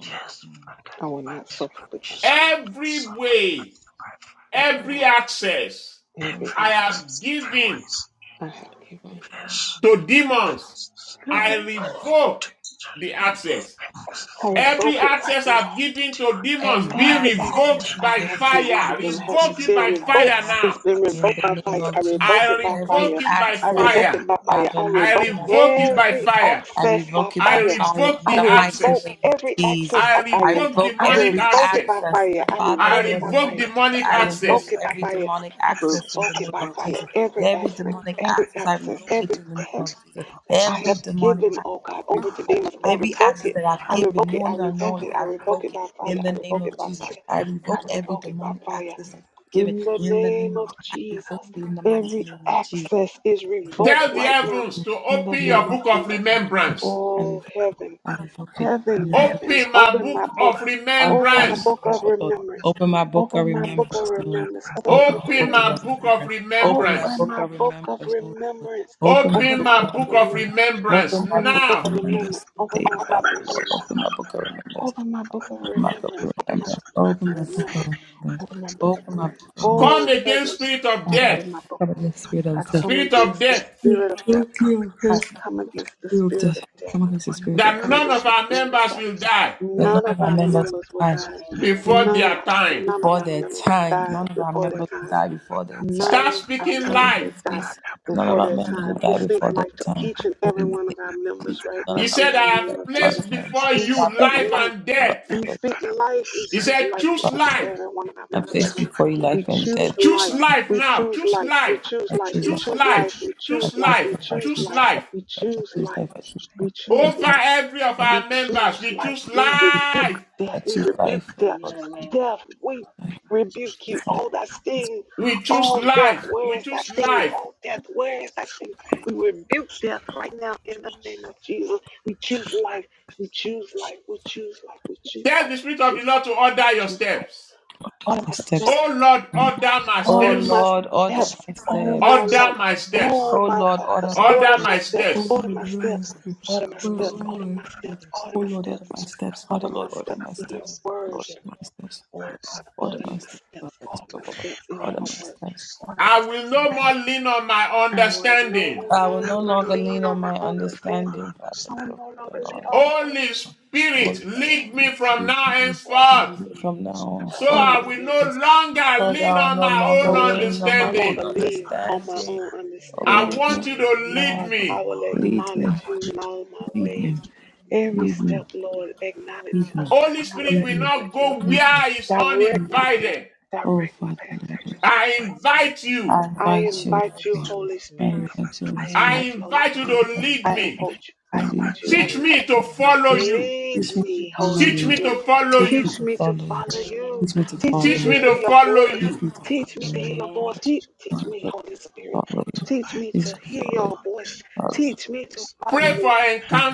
J: Yes, Father,
G: I
J: the
G: will
J: but
G: not suffer
J: of
G: because
J: Jesus, I
G: you are
J: would
G: my God.
C: Every
J: suffer the body
C: way,
J: of my
G: Every
C: every
G: way,
C: access
J: It
G: every
C: I
G: access
C: have
J: reacts
C: given
J: towards
G: I have given.
J: fresh
C: to demons.
J: products
G: Good
C: I
G: day.
J: related
C: revoke
J: to
C: the access.
J: lipids,
G: I
J: if
A: Father,
C: Every
G: revoke it right
C: access
G: now.
C: I've given to
J: edible,
C: demons
A: Every
C: be
J: and
G: Every
A: access that
G: access
A: I'm
C: revoked
G: I
C: by
G: have
A: given
B: Amen.
A: to
G: given
J: focal
G: to
C: fire.
G: them
A: demons
G: has
A: be
G: it's
C: Revoke
J: substances,
C: it
G: been
C: by
A: revoked on
J: and
G: revoked.
B: May
C: fire
B: you
A: fire
G: It's
J: focal
C: now.
B: break
G: been
A: in
G: revoked
A: the
J: fire,
G: by
A: name
G: fire. I
A: of Jesus.
G: revoke
C: I
G: it by
A: Every
C: revoke
G: fire.
C: it
J: focal
C: by
J: acids,
G: I
B: God, you
A: access,
G: revoke
C: fire.
G: it
B: break
G: by
B: it,
G: fire.
A: Father
G: I
C: I
A: Lord,
G: revoke
A: that I've
C: revoke
A: given
C: it
A: to
C: by
G: every
A: demons,
C: fire.
A: I
G: access by
A: revoke it
C: I
A: by
G: fire.
A: fire in
B: God.
J: or
C: revoke
G: I
C: the
A: the mighty
B: Break
G: revoke
C: access.
B: that
A: name of
B: fire.
G: every
J: substitute,
A: Jesus.
G: access
B: God,
C: I
G: by
B: you
J: I
A: I
G: fire.
B: break it
C: revoke
J: focal
A: revoke
B: right
G: I
C: demonic
A: every
J: substances
G: revoke it by
C: access.
A: access,
G: fire.
B: I will friend. God,
G: I
B: you break
A: Father
C: I
G: revoke it
A: Lord,
G: by
A: in the
B: the
C: revoke
A: name
J: by
G: fire.
A: of
B: fire.
A: Jesus.
C: demonic
G: I
J: fire,
A: I
B: God,
A: revoke
G: revoke
C: access.
B: you
G: it by
J: and
A: every
B: fall
G: fire.
A: demonic
B: out
J: ammonia
B: I
G: I
A: access
J: acids
A: in
B: will
J: by
B: God, you fall
G: revoke
A: the name
G: it by
A: of
J: fire,
G: fire.
A: Jesus.
B: down
G: Every
A: Every
G: access,
A: demonic
B: this
G: every
A: access,
J: fire,
B: despair.
A: I
G: access,
A: revoke it
G: every
A: in the
B: God,
A: name
B: you
J: intimate,
G: every
A: of
B: fall
A: Jesus.
J: or
B: down
G: I
B: this
A: Every
G: have
J: juice,
B: despair.
A: demonic
B: God,
G: given,
B: you
G: oh
B: fall down
G: God,
B: this
G: over to
J: or
B: despair.
A: revoke
G: demons.
B: God,
G: I
B: you fall it right now, my friend. God, you fall it right now, my friend. God, you fall it right
A: every
J: they,
B: now,
G: revoke
A: access
G: it.
A: that I've
G: I
J: they,
A: given,
G: revoke it. I
A: knowing and
J: they,
G: revoke
A: unknowingly,
G: it. I
A: I
B: my
G: revoke it
B: friend.
A: revoke it
G: by fire.
A: in
G: I
A: the name
G: revoke it
A: of
G: by
A: Jesus.
G: fire.
A: I
G: I
A: revoke every
G: revoke it by
A: demonic
G: fire.
A: access that I've given
G: In the
A: in the
G: name
A: name
G: of
A: of I revoke
G: Jesus,
A: it in the mighty
G: every
A: name of Jesus.
G: access is
B: In
A: I
G: revoked
C: Tell
B: the
C: the
G: right now.
B: name of
C: heavens to
B: Jesus.
G: In the
C: open your
G: name of
A: revoke
C: book
A: it.
C: of
G: Jesus.
A: I revoke it.
C: remembrance.
A: I
G: Oh, heaven,
A: revoke,
J: they,
A: I
J: they,
G: heaven,
J: they,
A: revoke it.
G: heavens,
C: Open my
G: open my
C: book
G: book.
C: of
J: Peppermint Loud
A: All
G: Open
A: Father,
G: my
C: remembrance.
G: book of
J: echoes
A: Jehovah, Lord.
G: remembrance.
A: Open my book of
G: Open my book of
A: remembrance,
J: her
A: Lord.
G: remembrance.
J: favorite
G: Open my
A: Open
G: book
A: my
G: of
J: loud
C: Open
A: book of
C: my
G: remembrance.
C: book of
A: remembrance. Open my
G: Open
C: remembrance.
A: book
G: my
A: of
G: book of
A: remembrance, Lord.
G: remembrance.
A: Open my
G: Open
C: Open
A: book
G: my
A: of
C: my
G: book of
C: book of
A: remembrance.
G: remembrance.
C: remembrance
A: Open
G: Open
A: my
G: my
A: book
G: book
A: of
C: now.
G: of
J: and
A: remembrance.
G: remembrance.
A: Today,
G: Open my book
J: when
A: Father,
G: of
J: Pepper's
A: Lord.
G: remembrance.
A: Open
J: loud
A: my book of
J: and
A: remembrance.
G: Open my book of
J: Pepper's
A: Open my book
G: remembrance.
A: of
G: Open my
A: remembrance.
G: book
A: Open
G: of
A: my book of
G: remembrance.
J: hate
A: remembrance.
G: Open my book of
A: Open my
J: Michael
A: book
G: remembrance.
A: of remembrance.
J: Jesus
C: Come
G: Oh
C: against
G: heavens,
C: spirit of
A: Oh, Father,
C: death,
G: open my book
A: Come
G: of
A: against
G: remembrance.
A: the spirit
G: I
A: of
J: Michael
B: Lord,
A: death.
G: come
C: spirit
J: is
C: of
J: an
G: against the
C: death,
G: spirit of
J: inspired
G: death.
J: coming
A: Come
G: I
J: as
A: against the
G: come
J: beautiful
G: against
J: and
G: the
A: spirit of
G: spirit of
A: death. Come
G: death.
A: against the
J: anybody who
A: spirit
G: I
A: of death.
C: that
G: come
C: none
J: prays
G: against
C: of
G: the
C: our
J: must
G: spirit
J: be
G: of
C: members
G: death.
C: will die
A: The
J: an
G: None of
A: Lord, my
G: our
J: of a
A: members
G: members will
A: die.
J: famous
G: die.
F: amen,
J: day and
C: before
G: None
J: that
C: their
G: of
J: day
C: time.
G: none of
A: before
G: our
A: their
G: members will
A: time.
G: die
A: None of our
G: before
J: for
G: their
A: members
J: that
A: will
G: time.
A: die before their
J: father
G: None
A: time.
C: Start
G: of our
C: speaking
J: that
A: Oh,
G: members
A: my
G: will
C: life.
G: die
A: Jesus.
J: father
A: None of
G: before
J: Mary
A: our
G: their
A: members will
G: time. We
A: die
G: speak
A: before
J: and
A: their
G: life to
A: time.
G: each
J: that
G: and every
A: None
G: one of our members right
J: father
A: of
G: now
C: He
A: our
G: in
C: said,
A: members
C: I
G: the
A: will
C: have
A: die
G: name of
A: before
G: Jesus.
C: placed
A: their time.
C: before
G: We
J: Jesus
C: you
A: Father,
G: speak
A: Lord,
C: life
G: life.
C: and
A: Lord,
C: death.
G: We
J: that
A: Lord,
G: speak
J: father
G: life. We
C: He
G: speak
C: said,
J: Jesus
G: life to
C: choose
G: each
J: just
A: Father,
G: and
C: life.
J: life
G: every one of our
A: I
G: members right
A: place
J: just
G: now.
J: life
A: before you
G: We
A: life and
G: choose
A: death.
C: Choose
G: life.
F: amen,
C: life
G: We
F: amen,
C: now.
G: choose
C: Choose
G: life. We
C: life.
G: choose
A: I
B: I
G: life.
A: choose
G: We
B: choose
A: life.
C: Choose
A: I
G: choose
B: life.
A: choose
C: life.
G: life. We
B: I
A: life.
C: Choose
G: choose life.
B: choose
G: We
C: life.
A: I
B: life.
G: choose
C: Choose
G: life.
C: life.
B: I
G: We
A: choose life. I
B: choose
G: choose
A: choose
B: life.
G: life.
A: life. I choose life.
B: I
G: We
B: choose
A: I
G: choose
A: choose
C: Over
G: life.
A: life.
B: life.
C: every of
G: We
B: I
C: our
B: choose
C: members,
G: choose
C: we
B: life.
G: life.
C: choose
G: We
A: I
B: I
A: choose
C: life.
B: choose
G: rebuke
B: life.
A: life.
G: death.
A: I
G: We
A: choose
B: Life.
A: life.
G: rebuke
B: I
G: death.
F: amen, amen,
A: Lord,
B: choose life.
G: Death, we
A: I
B: Over my family, I
G: rebuke you.
A: choose
B: choose
A: life. I choose
G: Oh,
B: life.
G: that
B: I
G: sting.
C: We choose
G: Oh, death,
C: life.
B: choose
G: where
C: We
G: is
B: life.
G: that
C: choose
B: I
G: sting?
C: life.
G: Oh,
B: choose life.
G: death,
B: I
G: where is
B: choose
G: that sting?
B: life.
G: We rebuke death
B: In the
G: right now
B: name
G: in
B: of
G: the name of
B: Jesus. Over
G: Jesus. We
B: my
G: choose life.
B: family, I
G: We
B: choose life.
G: choose life. We
B: Over our
G: choose life.
B: members,
G: We
B: I
G: choose
B: choose
C: Tell
G: life.
C: the
G: We
B: life.
C: Spirit of the
G: choose life.
C: Lord to
G: We
B: I
C: order
B: choose
C: your
G: choose
B: life.
G: life.
C: steps.
B: Father,
G: Order
A: My
G: my
B: Lord,
A: steps.
G: steps.
C: Oh Lord, order my
A: Oh
G: Order my
C: steps.
A: Lord,
B: Lord,
A: order
G: steps.
A: my
B: order my
G: Oh,
A: steps.
G: my
B: steps.
C: Order
G: love.
C: my
B: Oh
C: steps.
G: Oh,
B: Lord,
A: Oh
G: my
B: order
A: Lord,
B: my
G: Father.
A: order my
B: steps.
C: Order
G: Order
A: steps.
G: my
C: my
B: Oh
G: steps.
A: Oh
B: Lord,
C: steps.
G: Order my
B: order my
G: steps.
A: Lord.
B: steps.
G: Order my
A: Lord,
B: Oh
G: steps.
F: amen,
B: Lord,
A: Lord,
G: Order
B: order
G: my
A: Lord.
B: my
G: steps.
B: steps.
G: Order
A: Oh
G: my
A: Lord,
G: steps
B: Oh
A: order my
B: Lord,
A: steps,
B: order
A: Father
G: Order
B: my
G: my
A: Lord, order
B: steps.
A: my
G: steps in
A: steps,
G: your
B: Oh Lord, order my steps. Oh Lord,
A: Lord,
G: word, dear
B: order my
A: order
G: Lord.
A: my steps,
B: steps.
G: Oh,
B: Oh
G: Father,
A: order
B: Lord,
G: order
A: my
G: my
B: order
A: steps,
B: my steps.
A: Lord,
G: steps, order my steps in
A: order
G: your
A: my
G: word.
A: steps.
G: Order my
C: I will
G: steps in
C: no
G: your
C: more
G: word.
C: lean on my
G: I will
C: understanding.
G: no
A: I will no
G: longer
A: longer
G: lean
A: lean on
G: on my
A: my
G: understanding.
A: understanding, Father,
G: I will
A: so
G: no
A: for
G: longer lean on
A: the
G: my
C: Holy
G: own
C: Spirit,
A: Lord,
C: lead me
B: Holy
C: from now
B: Spirit,
C: henceforth.
B: lead me
A: from now on
C: So
B: from
A: forth.
B: now
C: I
G: Holy
C: will
G: Spirit.
C: no
B: until
C: longer
A: Lord,
C: lean
A: I will
C: on
A: no
C: my
G: I
A: longer
C: own
G: will
A: lean on
G: no
A: my
B: Lord, I
A: own
G: longer
C: understanding.
B: don't have
G: lean
B: enough
G: on my
A: understanding.
G: own
B: understanding.
A: Oh,
C: I
G: understanding.
B: Holy
J: Understand
C: want you
B: Spirit,
C: to
B: lead
C: lead
G: Lord,
B: me
G: I
C: me.
B: from
J: God,
G: will
B: now.
A: lead me, lead
J: I
A: me,
G: acknowledge
J: want
G: you
J: you
G: in
J: to,
G: all my
A: lead
B: Holy
A: me,
G: ways.
B: Spirit, lead
J: I
G: Every
B: me
A: lead
J: want you
A: me,
G: step,
J: to
B: now.
G: Lord, acknowledge, oh my,
C: Holy
G: I
B: Holy
G: will
C: Spirit
A: lead
C: will
B: Spirit,
A: me.
C: not
G: acknowledge
B: lead
G: you.
C: go
A: lead
C: where it's
G: Direct
A: me.
G: my path,
C: uninvited.
A: Oh,
G: direct my
B: Holy
A: Father,
G: path,
B: Spirit to
A: Lord.
G: direct my
B: direct
C: I
G: path.
B: my
J: bless
C: invite
B: steps.
C: you.
G: God,
A: I
G: I
B: I
A: invite you to
G: invite
B: invite
J: my
G: you,
B: you,
J: children.
B: Holy
G: Holy
A: I
B: Spirit.
G: Spirit.
J: Come and
A: invite you to
J: dwell
G: I
C: I
A: speak.
J: in
G: invite
J: me.
G: you,
B: I
G: Holy
B: invite
C: invite
B: you,
C: you
J: Come and
G: Spirit.
B: Holy
C: to lead
B: Spirit.
G: I
C: me.
G: invite
J: then,
G: you.
A: To
B: I
G: I
J: come
A: lead
J: and
G: invite
B: invite
G: you. I
B: you,
C: Teach me
G: invite
B: Holy Spirit,
G: you.
C: to
B: to lead
C: follow
B: me.
J: bless.
C: you.
A: me.
G: Lead
A: Teach me to
B: Teach
G: me,
B: me to
F: amen,
A: follow
J: Teach
G: Holy
J: me
C: Teach
A: you.
F: amen,
B: follow
C: me
G: Spirit.
C: to
B: you.
C: follow
A: Teach me
J: to
A: to
G: Teach
C: you.
J: speak.
G: me
A: follow
G: to
B: Teach me
A: you.
B: to
G: follow
J: Teach me
F: amen,
G: you.
B: follow
A: Teach me
B: you.
A: to
B: Teach
G: Teach
B: me
A: follow
G: me
J: to
C: Teach
B: to
G: to
A: you.
C: me
J: speak.
C: to
G: hear
B: follow
G: your
B: you.
C: follow
G: voice.
A: Teach
C: you.
A: me to
J: Oh,
B: Teach
J: God,
B: me
G: Teach
J: to
G: me
A: follow
B: to
G: to
J: speak.
G: hear
A: you.
G: your
J: Come
B: follow
J: and
G: voice.
B: you.
G: He-
J: teach
G: teach
B: Teach
G: me,
A: Father,
B: me
G: Holy
B: to
A: Let's
B: follow
G: Spirit.
B: you.
J: me. And
A: follow
J: the
A: you.
G: Teach me
A: Teach me
G: to
J: mighty Lord Jesus.
A: to
G: hear
A: follow you.
G: your voice.
J: And
A: Father, Father,
G: Teach me to follow
C: Pray
A: Son,
G: you.
C: for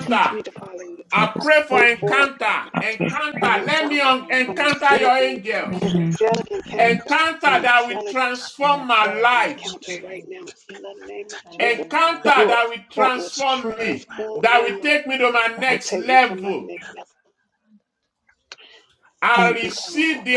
G: Teach me to follow you.
J: Father, I
C: I
G: I
J: want
C: pray for
G: pray
B: Teach me to
G: for it
C: encounter.
J: to have
B: follow you.
G: an
C: Encounter. Let me
G: encounter,
C: un-
G: an
C: encounter your
G: angelic encounter,
C: angels.
G: an
J: been down to
G: angelic
J: the
G: encounter,
J: angels,
C: Encounter
G: an
C: that will
G: angelic,
J: Father,
G: an
C: transform my
G: angelic
J: and
C: life.
G: encounter
B: Encounter
J: angels.
B: that
G: right
B: will
G: now in
B: transform
G: the
B: my
G: name of
B: life.
G: Jesus
C: Encounter
G: that will
C: that will
B: and I would
G: that will
B: Encounter
J: Transform
B: that
C: transform
B: will
C: me.
J: my life,
B: transform
G: transform
C: That
G: my
C: will
G: life,
C: take me to my
G: that will
C: next
G: take me to my
C: level.
G: next
J: Father.
G: level.
C: I
G: An encounter.
C: receive the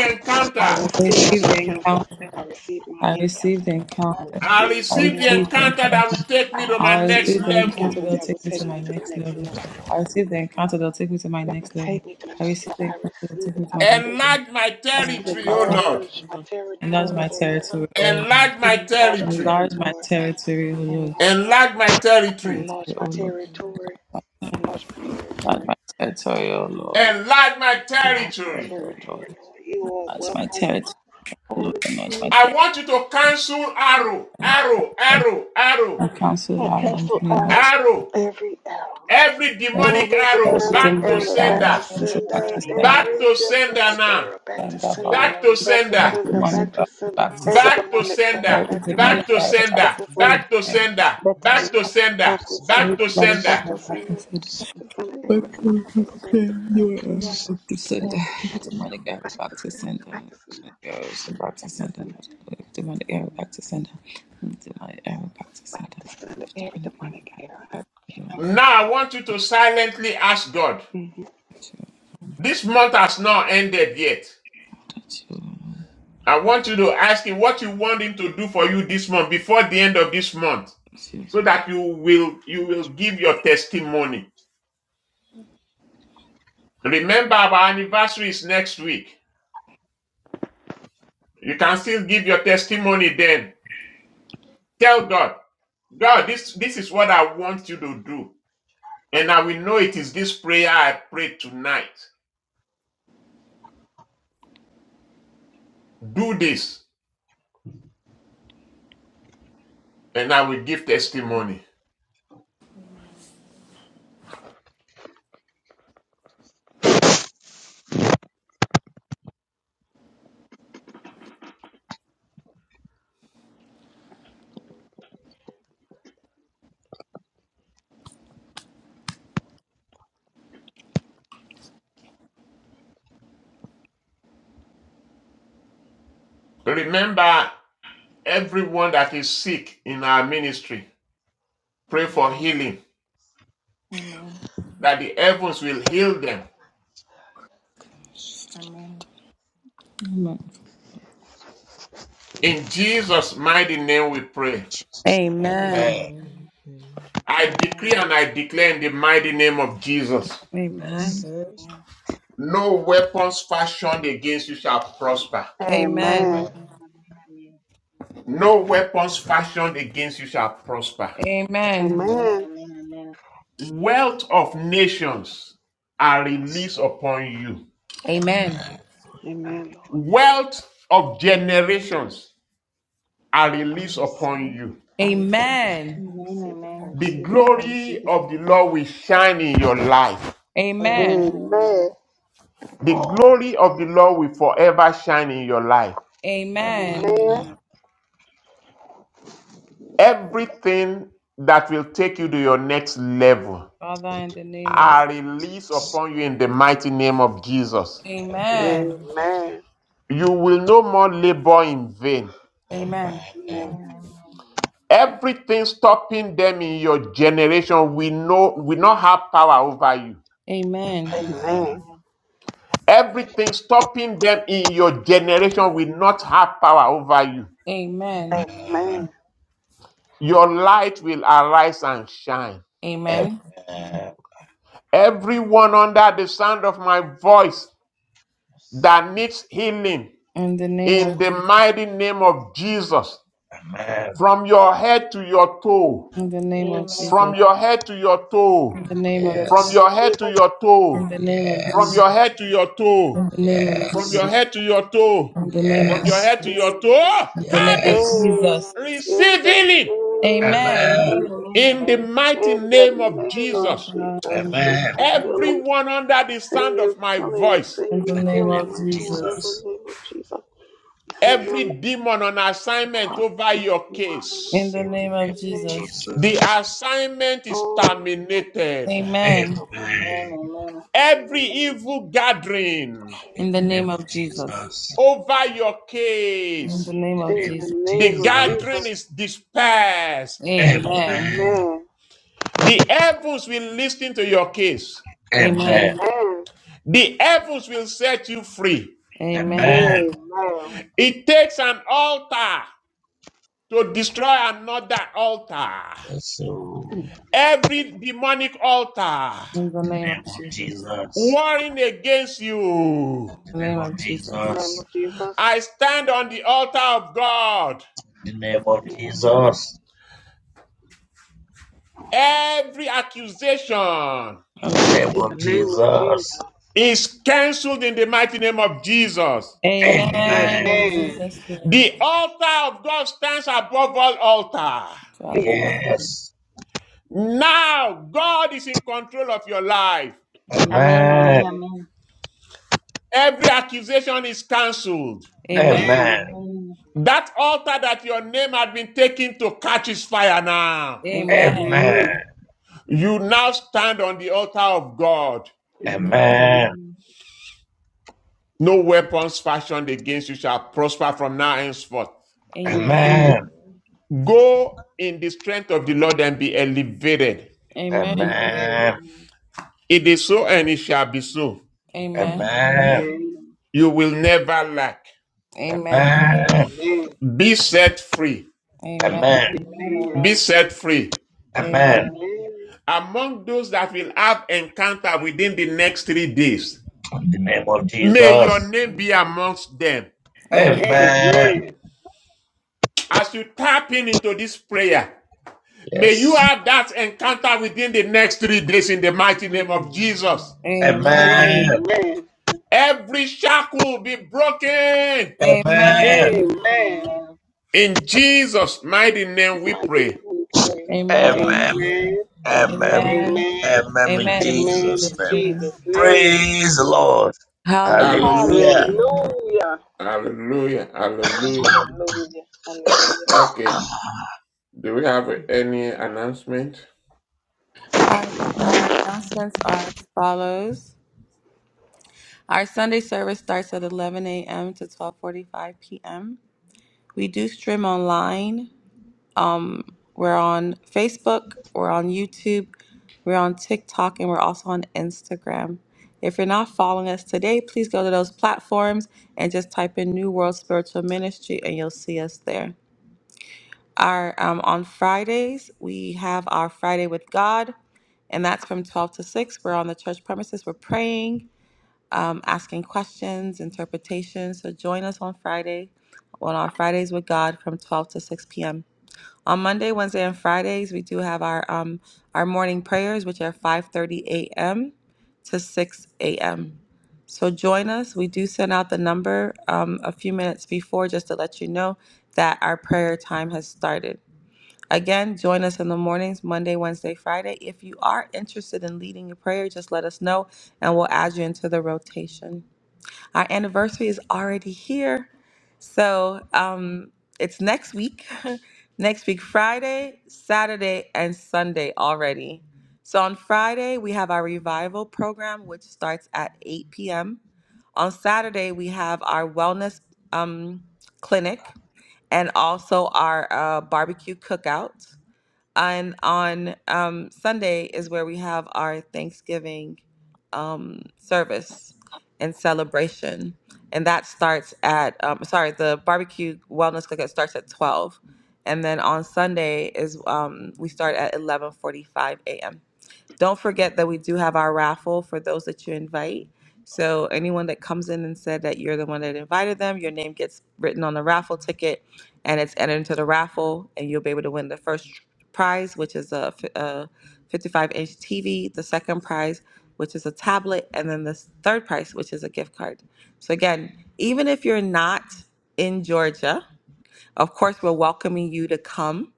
G: I
C: encounter.
A: I
G: receive my
A: receive the
G: encounter.
B: I
A: encounter.
G: I receive
B: receive
G: my
B: the
A: I
G: encounter.
A: received the
B: encounter.
G: I
A: encounter.
B: I
C: I
G: receive
A: I
G: my
B: receive. I receive.
C: receive the
A: received the
G: encounter.
C: encounter that
A: encounter.
C: will take me
B: I
G: I
C: to my
A: I
G: receive
C: next
A: received the
G: my
C: level.
A: encounter
G: encounter
A: that'll
G: that will
A: take me
G: take
A: to my
G: me to the
A: next
G: next
A: level.
G: level.
B: receive
A: I received the encounter that'll take
B: the
A: me to my
G: That will
A: next level.
G: take me to the
A: I
G: next
A: received the
G: level. I
A: encounter
B: encounter.
A: that'll
G: receive
A: take
B: I
G: it.
A: me to
G: I
A: my next
G: receive
B: receive.
G: it.
A: level.
C: Enlarge my
A: I see
G: And
A: the
C: territory, O
A: encounter
C: Lord.
G: enlarge
A: of
G: my
A: Lord. Enlarge
G: territory,
A: my
G: oh
F: amen,
G: Lord.
A: territory, O Lord.
C: Enlarge my
G: Enlarge my
C: territory.
A: Enlarge my
G: territory.
A: territory, O Lord.
G: Enlarge my
C: Enlarge
G: territory.
C: my territory.
G: Enlarge
A: Territory, O
G: my
A: Lord.
G: territory. Enlarge my
A: Enlarge
G: territory.
A: my
G: Enlarge
A: territory,
G: my
A: O Lord.
G: territory.
C: Enlarge my
G: Enlarge my
C: territory.
A: Territory, O Lord.
G: territory, Lord. You are
A: Enlarge my
G: welcome,
A: territory, O Lord.
G: Holy
A: Enlarge my
G: Spirit.
C: I
A: territory.
C: want you to cancel arrow,
G: I
C: arrow, arrow, arrow,
A: I counsel our in the
G: cancel
A: name of
G: out
C: arrow.
G: every arrow,
C: Every
A: Jesus.
C: demonic
G: every
C: arrow
A: Every
G: demonic
C: back to
A: demonic
G: arrow back to
A: arrow,
C: sender.
A: I
F: amen,
A: cancel back
G: sender,
A: to sender
C: Back
G: every
C: to sender
G: demonic
C: now.
G: arrow back to
A: sender,
G: sender,
A: Father.
C: Back to
G: back to
A: Let
C: sender.
G: sender, back
A: Demonic power
G: to sender,
A: back to
G: every
A: sender.
C: Back to
G: demonic
C: sender.
G: arrow
A: Every
G: back to
A: demonic
C: Back
G: sender,
C: to
A: power
G: back
A: back
C: sender.
A: to
G: to sender.
A: sender.
C: Back to
A: Every
C: sender.
G: Back to
A: power-
C: Back
G: sender.
C: to sender.
G: Back to sender.
A: every
C: Back to
A: demonic
G: Back
C: sender.
A: power
G: to
A: back to
G: sender.
A: sender.
G: Back to sender. Every
A: Every demonic
G: demonic arrow back to sender.
A: power back to sender.
G: Every
A: Every
G: demonic arrow
A: demonic power
G: back
A: back
G: to
A: to
G: sender.
A: sender.
G: Back to sender.
A: Goes back to
G: Back to
A: sender.
G: sender.
A: Every Demonic power back to sender. Every Demonic power back to
G: Back
A: sender.
G: to sender.
A: Every
G: Every
A: Demonic power
G: demonic
A: back
G: arrow. I
A: to
G: can
A: sender. I
C: Now I want you to silently ask God.
G: mm-hmm.
A: touch you.
C: This month has not ended yet.
A: I touch you. I
C: I want you to ask him what you want him to do for you this month before the end of this month
A: touch you.
C: so that you will you will give your testimony. Remember our anniversary is next week. You can still give your testimony then. Tell God, God, this this is what I want you to do. And I will know it is this prayer I prayed tonight. Do this and I will give testimony. Remember everyone that is sick in our ministry Pray for healing,
F: amen, amen.
C: that the heavens will heal them.
F: Amen. Amen. Amen.
A: Amen.
C: In Jesus' mighty name we pray.
F: Amen. Amen. Amen. Amen.
A: Amen.
J: Amen.
B: Amen. Amen.
F: Amen.
C: I
F: Amen.
C: decree and I declare in the mighty name of Jesus.
A: Amen.
C: No weapons fashioned against you shall prosper.
A: Amen.
G: Amen.
B: Amen.
C: No weapons fashioned against you shall prosper.
A: Amen.
B: Amen.
J: Amen.
G: Amen.
F: Amen. Amen. Amen. Amen.
C: Wealth of nations are released upon you.
A: Amen.
J: Amen.
G: Amen, Lord.
C: Wealth of generations are
G: I
C: released
G: receive
C: upon
G: it.
C: you.
G: I receive it.
A: Amen.
G: I
F: Amen. Amen.
G: receive it.
F: Amen.
G: I
C: The
G: receive it. I receive
C: glory
G: it.
C: of the Lord will shine in your life.
F: Amen. Amen. Oh, amen.
A: Amen.
G: Amen.
C: The glory of the Lord will forever shine in your life.
F: Amen.
A: Amen.
G: Amen.
F: Amen.
J: Amen.
C: Everything that will take you to your next level
A: Father,
J: In
A: in
J: the
A: the name
J: name
A: of
J: of
C: are released
J: Jesus.
C: upon you in the mighty name of Jesus.
J: Amen.
A: Amen.
G: Amen.
B: Amen.
C: You will no more labor in vain.
A: Amen.
F: Amen.
J: Amen.
C: Everything stopping them in your generation will, no, will not have power over you.
G: Amen.
A: Amen.
J: Amen.
G: Amen.
C: Everything stopping them in your generation will not have power over you.
A: Amen.
F: Amen.
G: Amen.
F: Amen.
J: Amen.
C: Your light will arise and shine.
A: Amen.
F: Amen. Amen. Amen.
J: Amen.
F: Amen.
C: Everyone under the sound of my voice,
J: Yes.
C: that needs healing
A: In the name of
C: in the
A: Jesus.
C: mighty name of Jesus.
J: Amen.
C: From your head to your toe,
A: In the name of
F: Amen.
J: Yes.
F: Amen.
C: from
A: Jesus.
F: Amen.
C: your head to your
A: In
C: toe,
A: the name
G: In the
A: of
C: from
A: Jesus.
G: name
J: Yes.
G: of
C: your head
G: Jesus.
C: to your
A: In
C: toe,
A: the name
G: In the
A: of
C: from
G: name
A: Jesus.
J: Yes.
G: of
C: your head to
G: Jesus.
F: Amen.
C: your toe,
A: In the name
G: Hey,
A: of
C: from
J: Yes.
C: your
A: Jesus.
C: head to your toe,
A: In the name
G: in
A: of
C: from your
J: Yes.
G: the
C: head to
G: name
A: Jesus.
C: your
G: of
C: toe.
G: Jesus.
A: In the name
C: Kabi,
A: of
J: Yes.
G: Hey,
A: Jesus.
G: in
C: receive
G: the
C: healing
G: name of
F: Amen.
A: Amen.
J: Amen.
B: Amen.
G: Jesus.
F: Amen.
C: in the
B: Amen.
F: Amen.
C: mighty
G: In the
C: name of
G: name of
C: Jesus.
A: Father, in
G: Jesus.
A: the name
G: We
J: Amen.
G: send healing.
C: Everyone under the
G: We send
C: sound
G: you
C: of my
G: healing. We
C: voice,
G: send
A: in the
G: you
J: In the
A: name
J: name
G: healing
A: of
J: of
G: right now. In
A: Jesus.
G: the
J: Jesus.
G: name of Jesus. We send
C: every
G: healing
C: demon on assignment
G: across
C: over
G: this
C: your
G: line right
A: In
C: case.
A: the
G: now.
J: In the
G: In
A: name
J: name
G: the
A: of
J: of
G: name of
A: Jesus.
C: The
G: Jesus.
J: Jesus.
C: assignment is
G: Oh.
C: terminated.
A: Amen.
G: Nobody is
F: Amen.
J: Amen.
G: healed
F: Amen.
G: right now. In the
C: Every
G: name of Jesus.
C: evil gathering
G: Nobody
J: In
A: In
G: is
A: the
J: the name
A: name of
J: of
A: Jesus.
J: Jesus.
G: healed.
C: over your
A: In
C: case,
A: the name
J: In the
A: of
G: In the name of Jesus.
J: name
G: In
A: Jesus.
J: of
G: the name
C: the
G: of Jesus.
C: gathering
J: Jesus.
C: is dispersed.
B: Amen.
A: Amen.
J: Amen.
G: Amen.
C: The heavens will listen to your case.
A: Amen.
J: Amen.
G: Amen.
C: The heavens will set you free.
A: Amen.
J: Amen.
G: Amen.
F: Amen.
C: It takes an altar to destroy another altar.
G: In
J: So,
G: the name of Jesus.
C: Every demonic altar
A: In
J: in
A: the
J: the
A: name of
J: name of
A: Jesus. In
J: Jesus.
C: warring against
J: In
C: you.
J: the
A: the name
J: name of
A: of Jesus.
G: In the name
J: Jesus.
G: of Jesus.
C: I stand on the altar of God
J: In the name of
G: In the name of
F: Amen.
G: Jesus.
J: Jesus.
C: Every accusation
J: In
A: And so-
J: the name
G: In the
J: of
G: name of Jesus.
J: Jesus.
C: is cancelled in the mighty name of Jesus.
F: Amen. Amen.
A: Amen.
J: Amen.
B: Amen.
A: In
G: Amen.
A: Jesus' name.
C: The altar of God stands above all altars.
B: Yes,
A: Father,
G: Amen.
A: Lord.
B: Lord.
J: Yes.
C: Now God is in control of your life.
F: Amen. Amen.
B: Yes.
J: Amen.
C: Every accusation is cancelled.
A: Amen.
F: Amen.
G: Amen.
J: Amen.
B: Amen.
F: Amen.
C: That altar that your name had been taken to catch is fire now.
B: Amen.
A: Amen.
G: Amen.
J: Amen.
B: Amen.
C: You now stand on the altar of God.
G: Amen.
A: Amen.
B: Amen.
J: Amen.
F: Amen.
C: No weapons fashioned against you shall prosper from now henceforth.
J: Amen.
G: Amen. Amen. Amen.
B: Amen.
G: Amen.
B: Amen. Amen.
A: Amen.
G: Amen.
J: Amen.
C: Go in the strength of the Lord and be elevated.
A: Amen.
F: Amen. Amen.
J: Amen.
C: It is so and it shall be so.
B: Amen. Amen. Amen. Amen.
A: Amen. Amen.
F: Amen. Amen.
C: You will never lack.
A: Amen.
J: Amen.
C: Be set free.
A: Amen.
B: Amen.
J: Amen.
F: Amen. Amen.
C: Be set free.
A: Amen.
B: Amen.
J: Amen.
B: Amen.
C: Among those that will have encounter within the next three days,
J: In the name of
C: may your
J: Jesus.
C: name be
B: Amen.
C: amongst them.
B: In
A: Amen.
J: Amen.
G: Amen.
C: As you tap in into this prayer, may you
J: Yes.
C: have that encounter within the next three days in the mighty name of Jesus.
G: Amen.
A: Amen.
J: Amen.
F: Amen.
G: Amen.
C: Every shackle will be broken.
J: Amen.
G: Amen.
F: Amen.
G: Amen.
F: Amen.
C: In Jesus' mighty name we
G: Father,
C: pray.
G: now we pray.
A: Amen.
J: Amen.
F: amen,
G: Amen,
J: Amen.
A: Amen.
G: amen,
J: Amen. In
A: Amen. In
G: amen
J: Jesus'
A: Jesus'
G: in
J: name.
B: Jesus'
G: Jesus'
B: name.
G: name.
B: Amen.
J: Praise the Lord.
A: name.
F: Hallelujah.
J: Hallelujah.
C: Hallelujah.
B: Hallelujah.
G: Hallelujah.
C: Hallelujah. Hallelujah.
G: Hallelujah. Hallelujah.
C: Okay. Do we have any announcement?
A: Our, our announcements are as follows. Our Sunday service starts at 11 a.m. to 12:45 p.m. We do stream online. Um, we're on Facebook, we're on YouTube, we're on TikTok, and we're also on Instagram. If you're not following us today, please go to those platforms and just type in New World Spiritual Ministry, and you'll see us there. Our um, on Fridays we have our Friday with God, and that's from twelve to six. We're on the church premises. We're praying, um, asking questions, interpretations. So join us on Friday, on our Fridays with God from twelve to six p.m. On Monday, Wednesday, and Fridays we do have our um, our morning prayers, which are five thirty a.m. to six a.m. So join us. We do send out the number um, a few minutes before just to let you know that our prayer time has started. Again, join us in the mornings, Monday, Wednesday, Friday. If you are interested in leading your prayer, just let us know and we'll add you into the rotation. Our anniversary is already here. So um, it's next week, next week, Friday, Saturday, and Sunday already. So on Friday, we have our revival program, which starts at 8 p.m. On Saturday, we have our wellness um, clinic and also our uh, barbecue cookout. And on um, Sunday is where we have our Thanksgiving um, service and celebration. And that starts at, um, sorry, the barbecue wellness cookout starts at 12. And then on Sunday is um, we start at 11:45 a.m. Don't forget that we do have our raffle for those that you invite. So anyone that comes in and said that you're the one that invited them, your name gets written on the raffle ticket, and it's entered into the raffle, and you'll be able to win the first prize, which is a, fi- a 55-inch TV. The second prize, which is a tablet, and then the third prize, which is a gift card. So again, even if you're not in Georgia of course, we're welcoming you to come.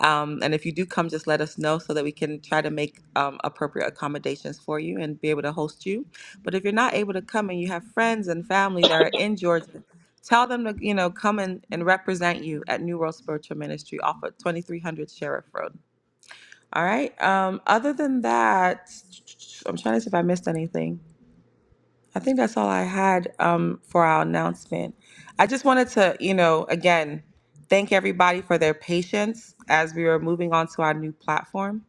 A: Um, and if you do come, just let us know so that we can try to make um, appropriate accommodations for you and be able to host you. But if you're not able to come and you have friends and family that are in Georgia, tell them to you know come and, and represent you at New World Spiritual Ministry off of 2300 Sheriff Road. All right. Um, other than that, I'm trying to see if I missed anything. I think that's all I had um, for our announcement. I just wanted to, you know, again, thank everybody for their patience as we were moving on to our new platform.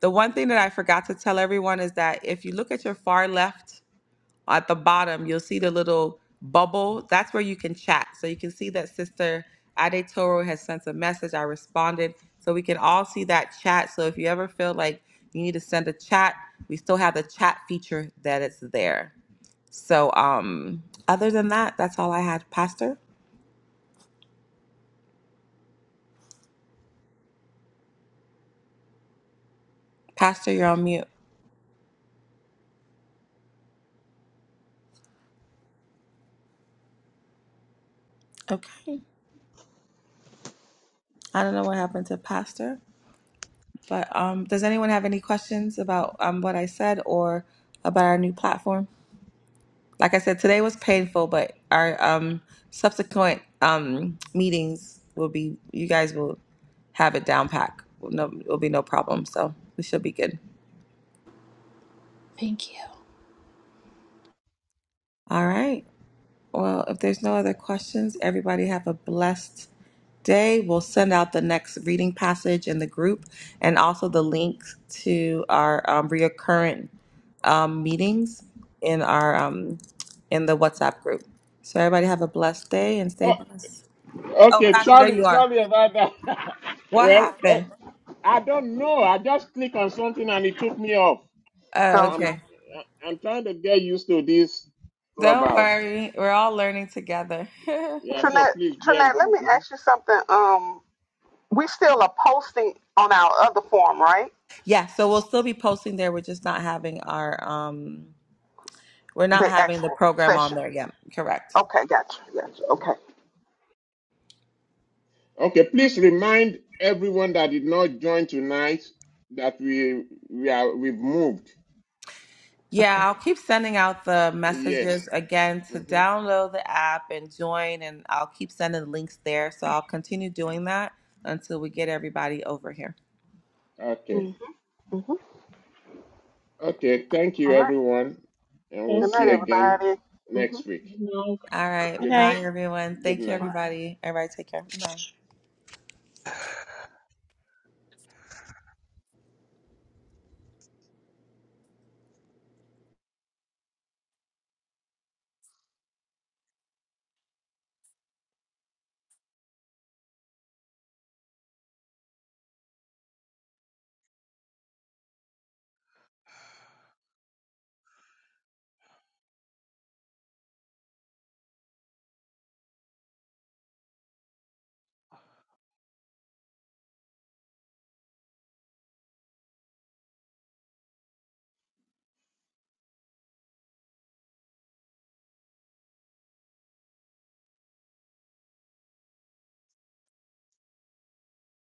A: The one thing that I forgot to tell everyone is that if you look at your far left at the bottom, you'll see the little bubble. That's where you can chat. So you can see that Sister Ade Toro has sent a message. I responded. So we can all see that chat. So if you ever feel like you need to send a chat, we still have the chat feature that it's there. So, um, other than that, that's all I had. Pastor, Pastor, you're on mute. Okay. I don't know what happened to Pastor, but um, does anyone have any questions about um what I said or about our new platform? Like I said, today was painful, but our um subsequent um meetings will be. You guys will have it down pack. No, it'll be no problem. So we should be good.
E: Thank you.
A: All right. Well, if there's no other questions, everybody have a blessed day. We'll send out the next reading passage in the group and also the link to our um, recurrent um, meetings in our um, in the WhatsApp group. So everybody have a blessed day and stay
C: Oh,
A: blessed. Oh,
C: okay,
A: Pastor, there
C: sorry,
A: you are.
C: sorry about that.
A: What
C: well, eh,
A: happened?
C: I don't know. I just click on something and it took me off.
A: Oh,
G: Okay.
C: I'm
A: okay.
C: I'm trying to get used to this
A: Don't
C: clubhouse.
A: worry. We're all learning together.
C: Yeah, so
G: Trinette,
C: please bear
G: Trinette,
C: with
G: let
C: me.
G: me
C: Mhm.
G: ask you something. Um, we still are posting on our other form, right?
A: yeah, so we'll still be posting there. We're just not having our um we're not
G: The
A: having the
G: actual
A: program on
G: session.
A: there yet. Correct.
G: Okay, gotcha, gotcha. Okay,
C: Okay, please remind everyone that did not join tonight that we we are we've moved.
A: Yeah,
G: okay.
A: I'll keep sending out the
C: Yes.
A: messages again to
C: hmm
A: download the app and join, and I'll keep sending links there. So I'll continue doing that until we get everybody over here.
C: Okay.
G: Mm-hmm. Mm-hmm.
C: Okay, thank you
G: All right.
C: everyone, and we'll
G: Good
F: Thank
C: see
G: night,
C: you
F: you.
C: again
G: everybody. Mm-hmm.
C: next
F: Good
C: week.
F: night.
A: All right.
G: All
E: Good
C: Good
G: right.
A: Bye,
E: night.
A: everyone.
C: good
A: Thank you,
C: night.
G: All right.
A: everybody. All right. Take care. Bye.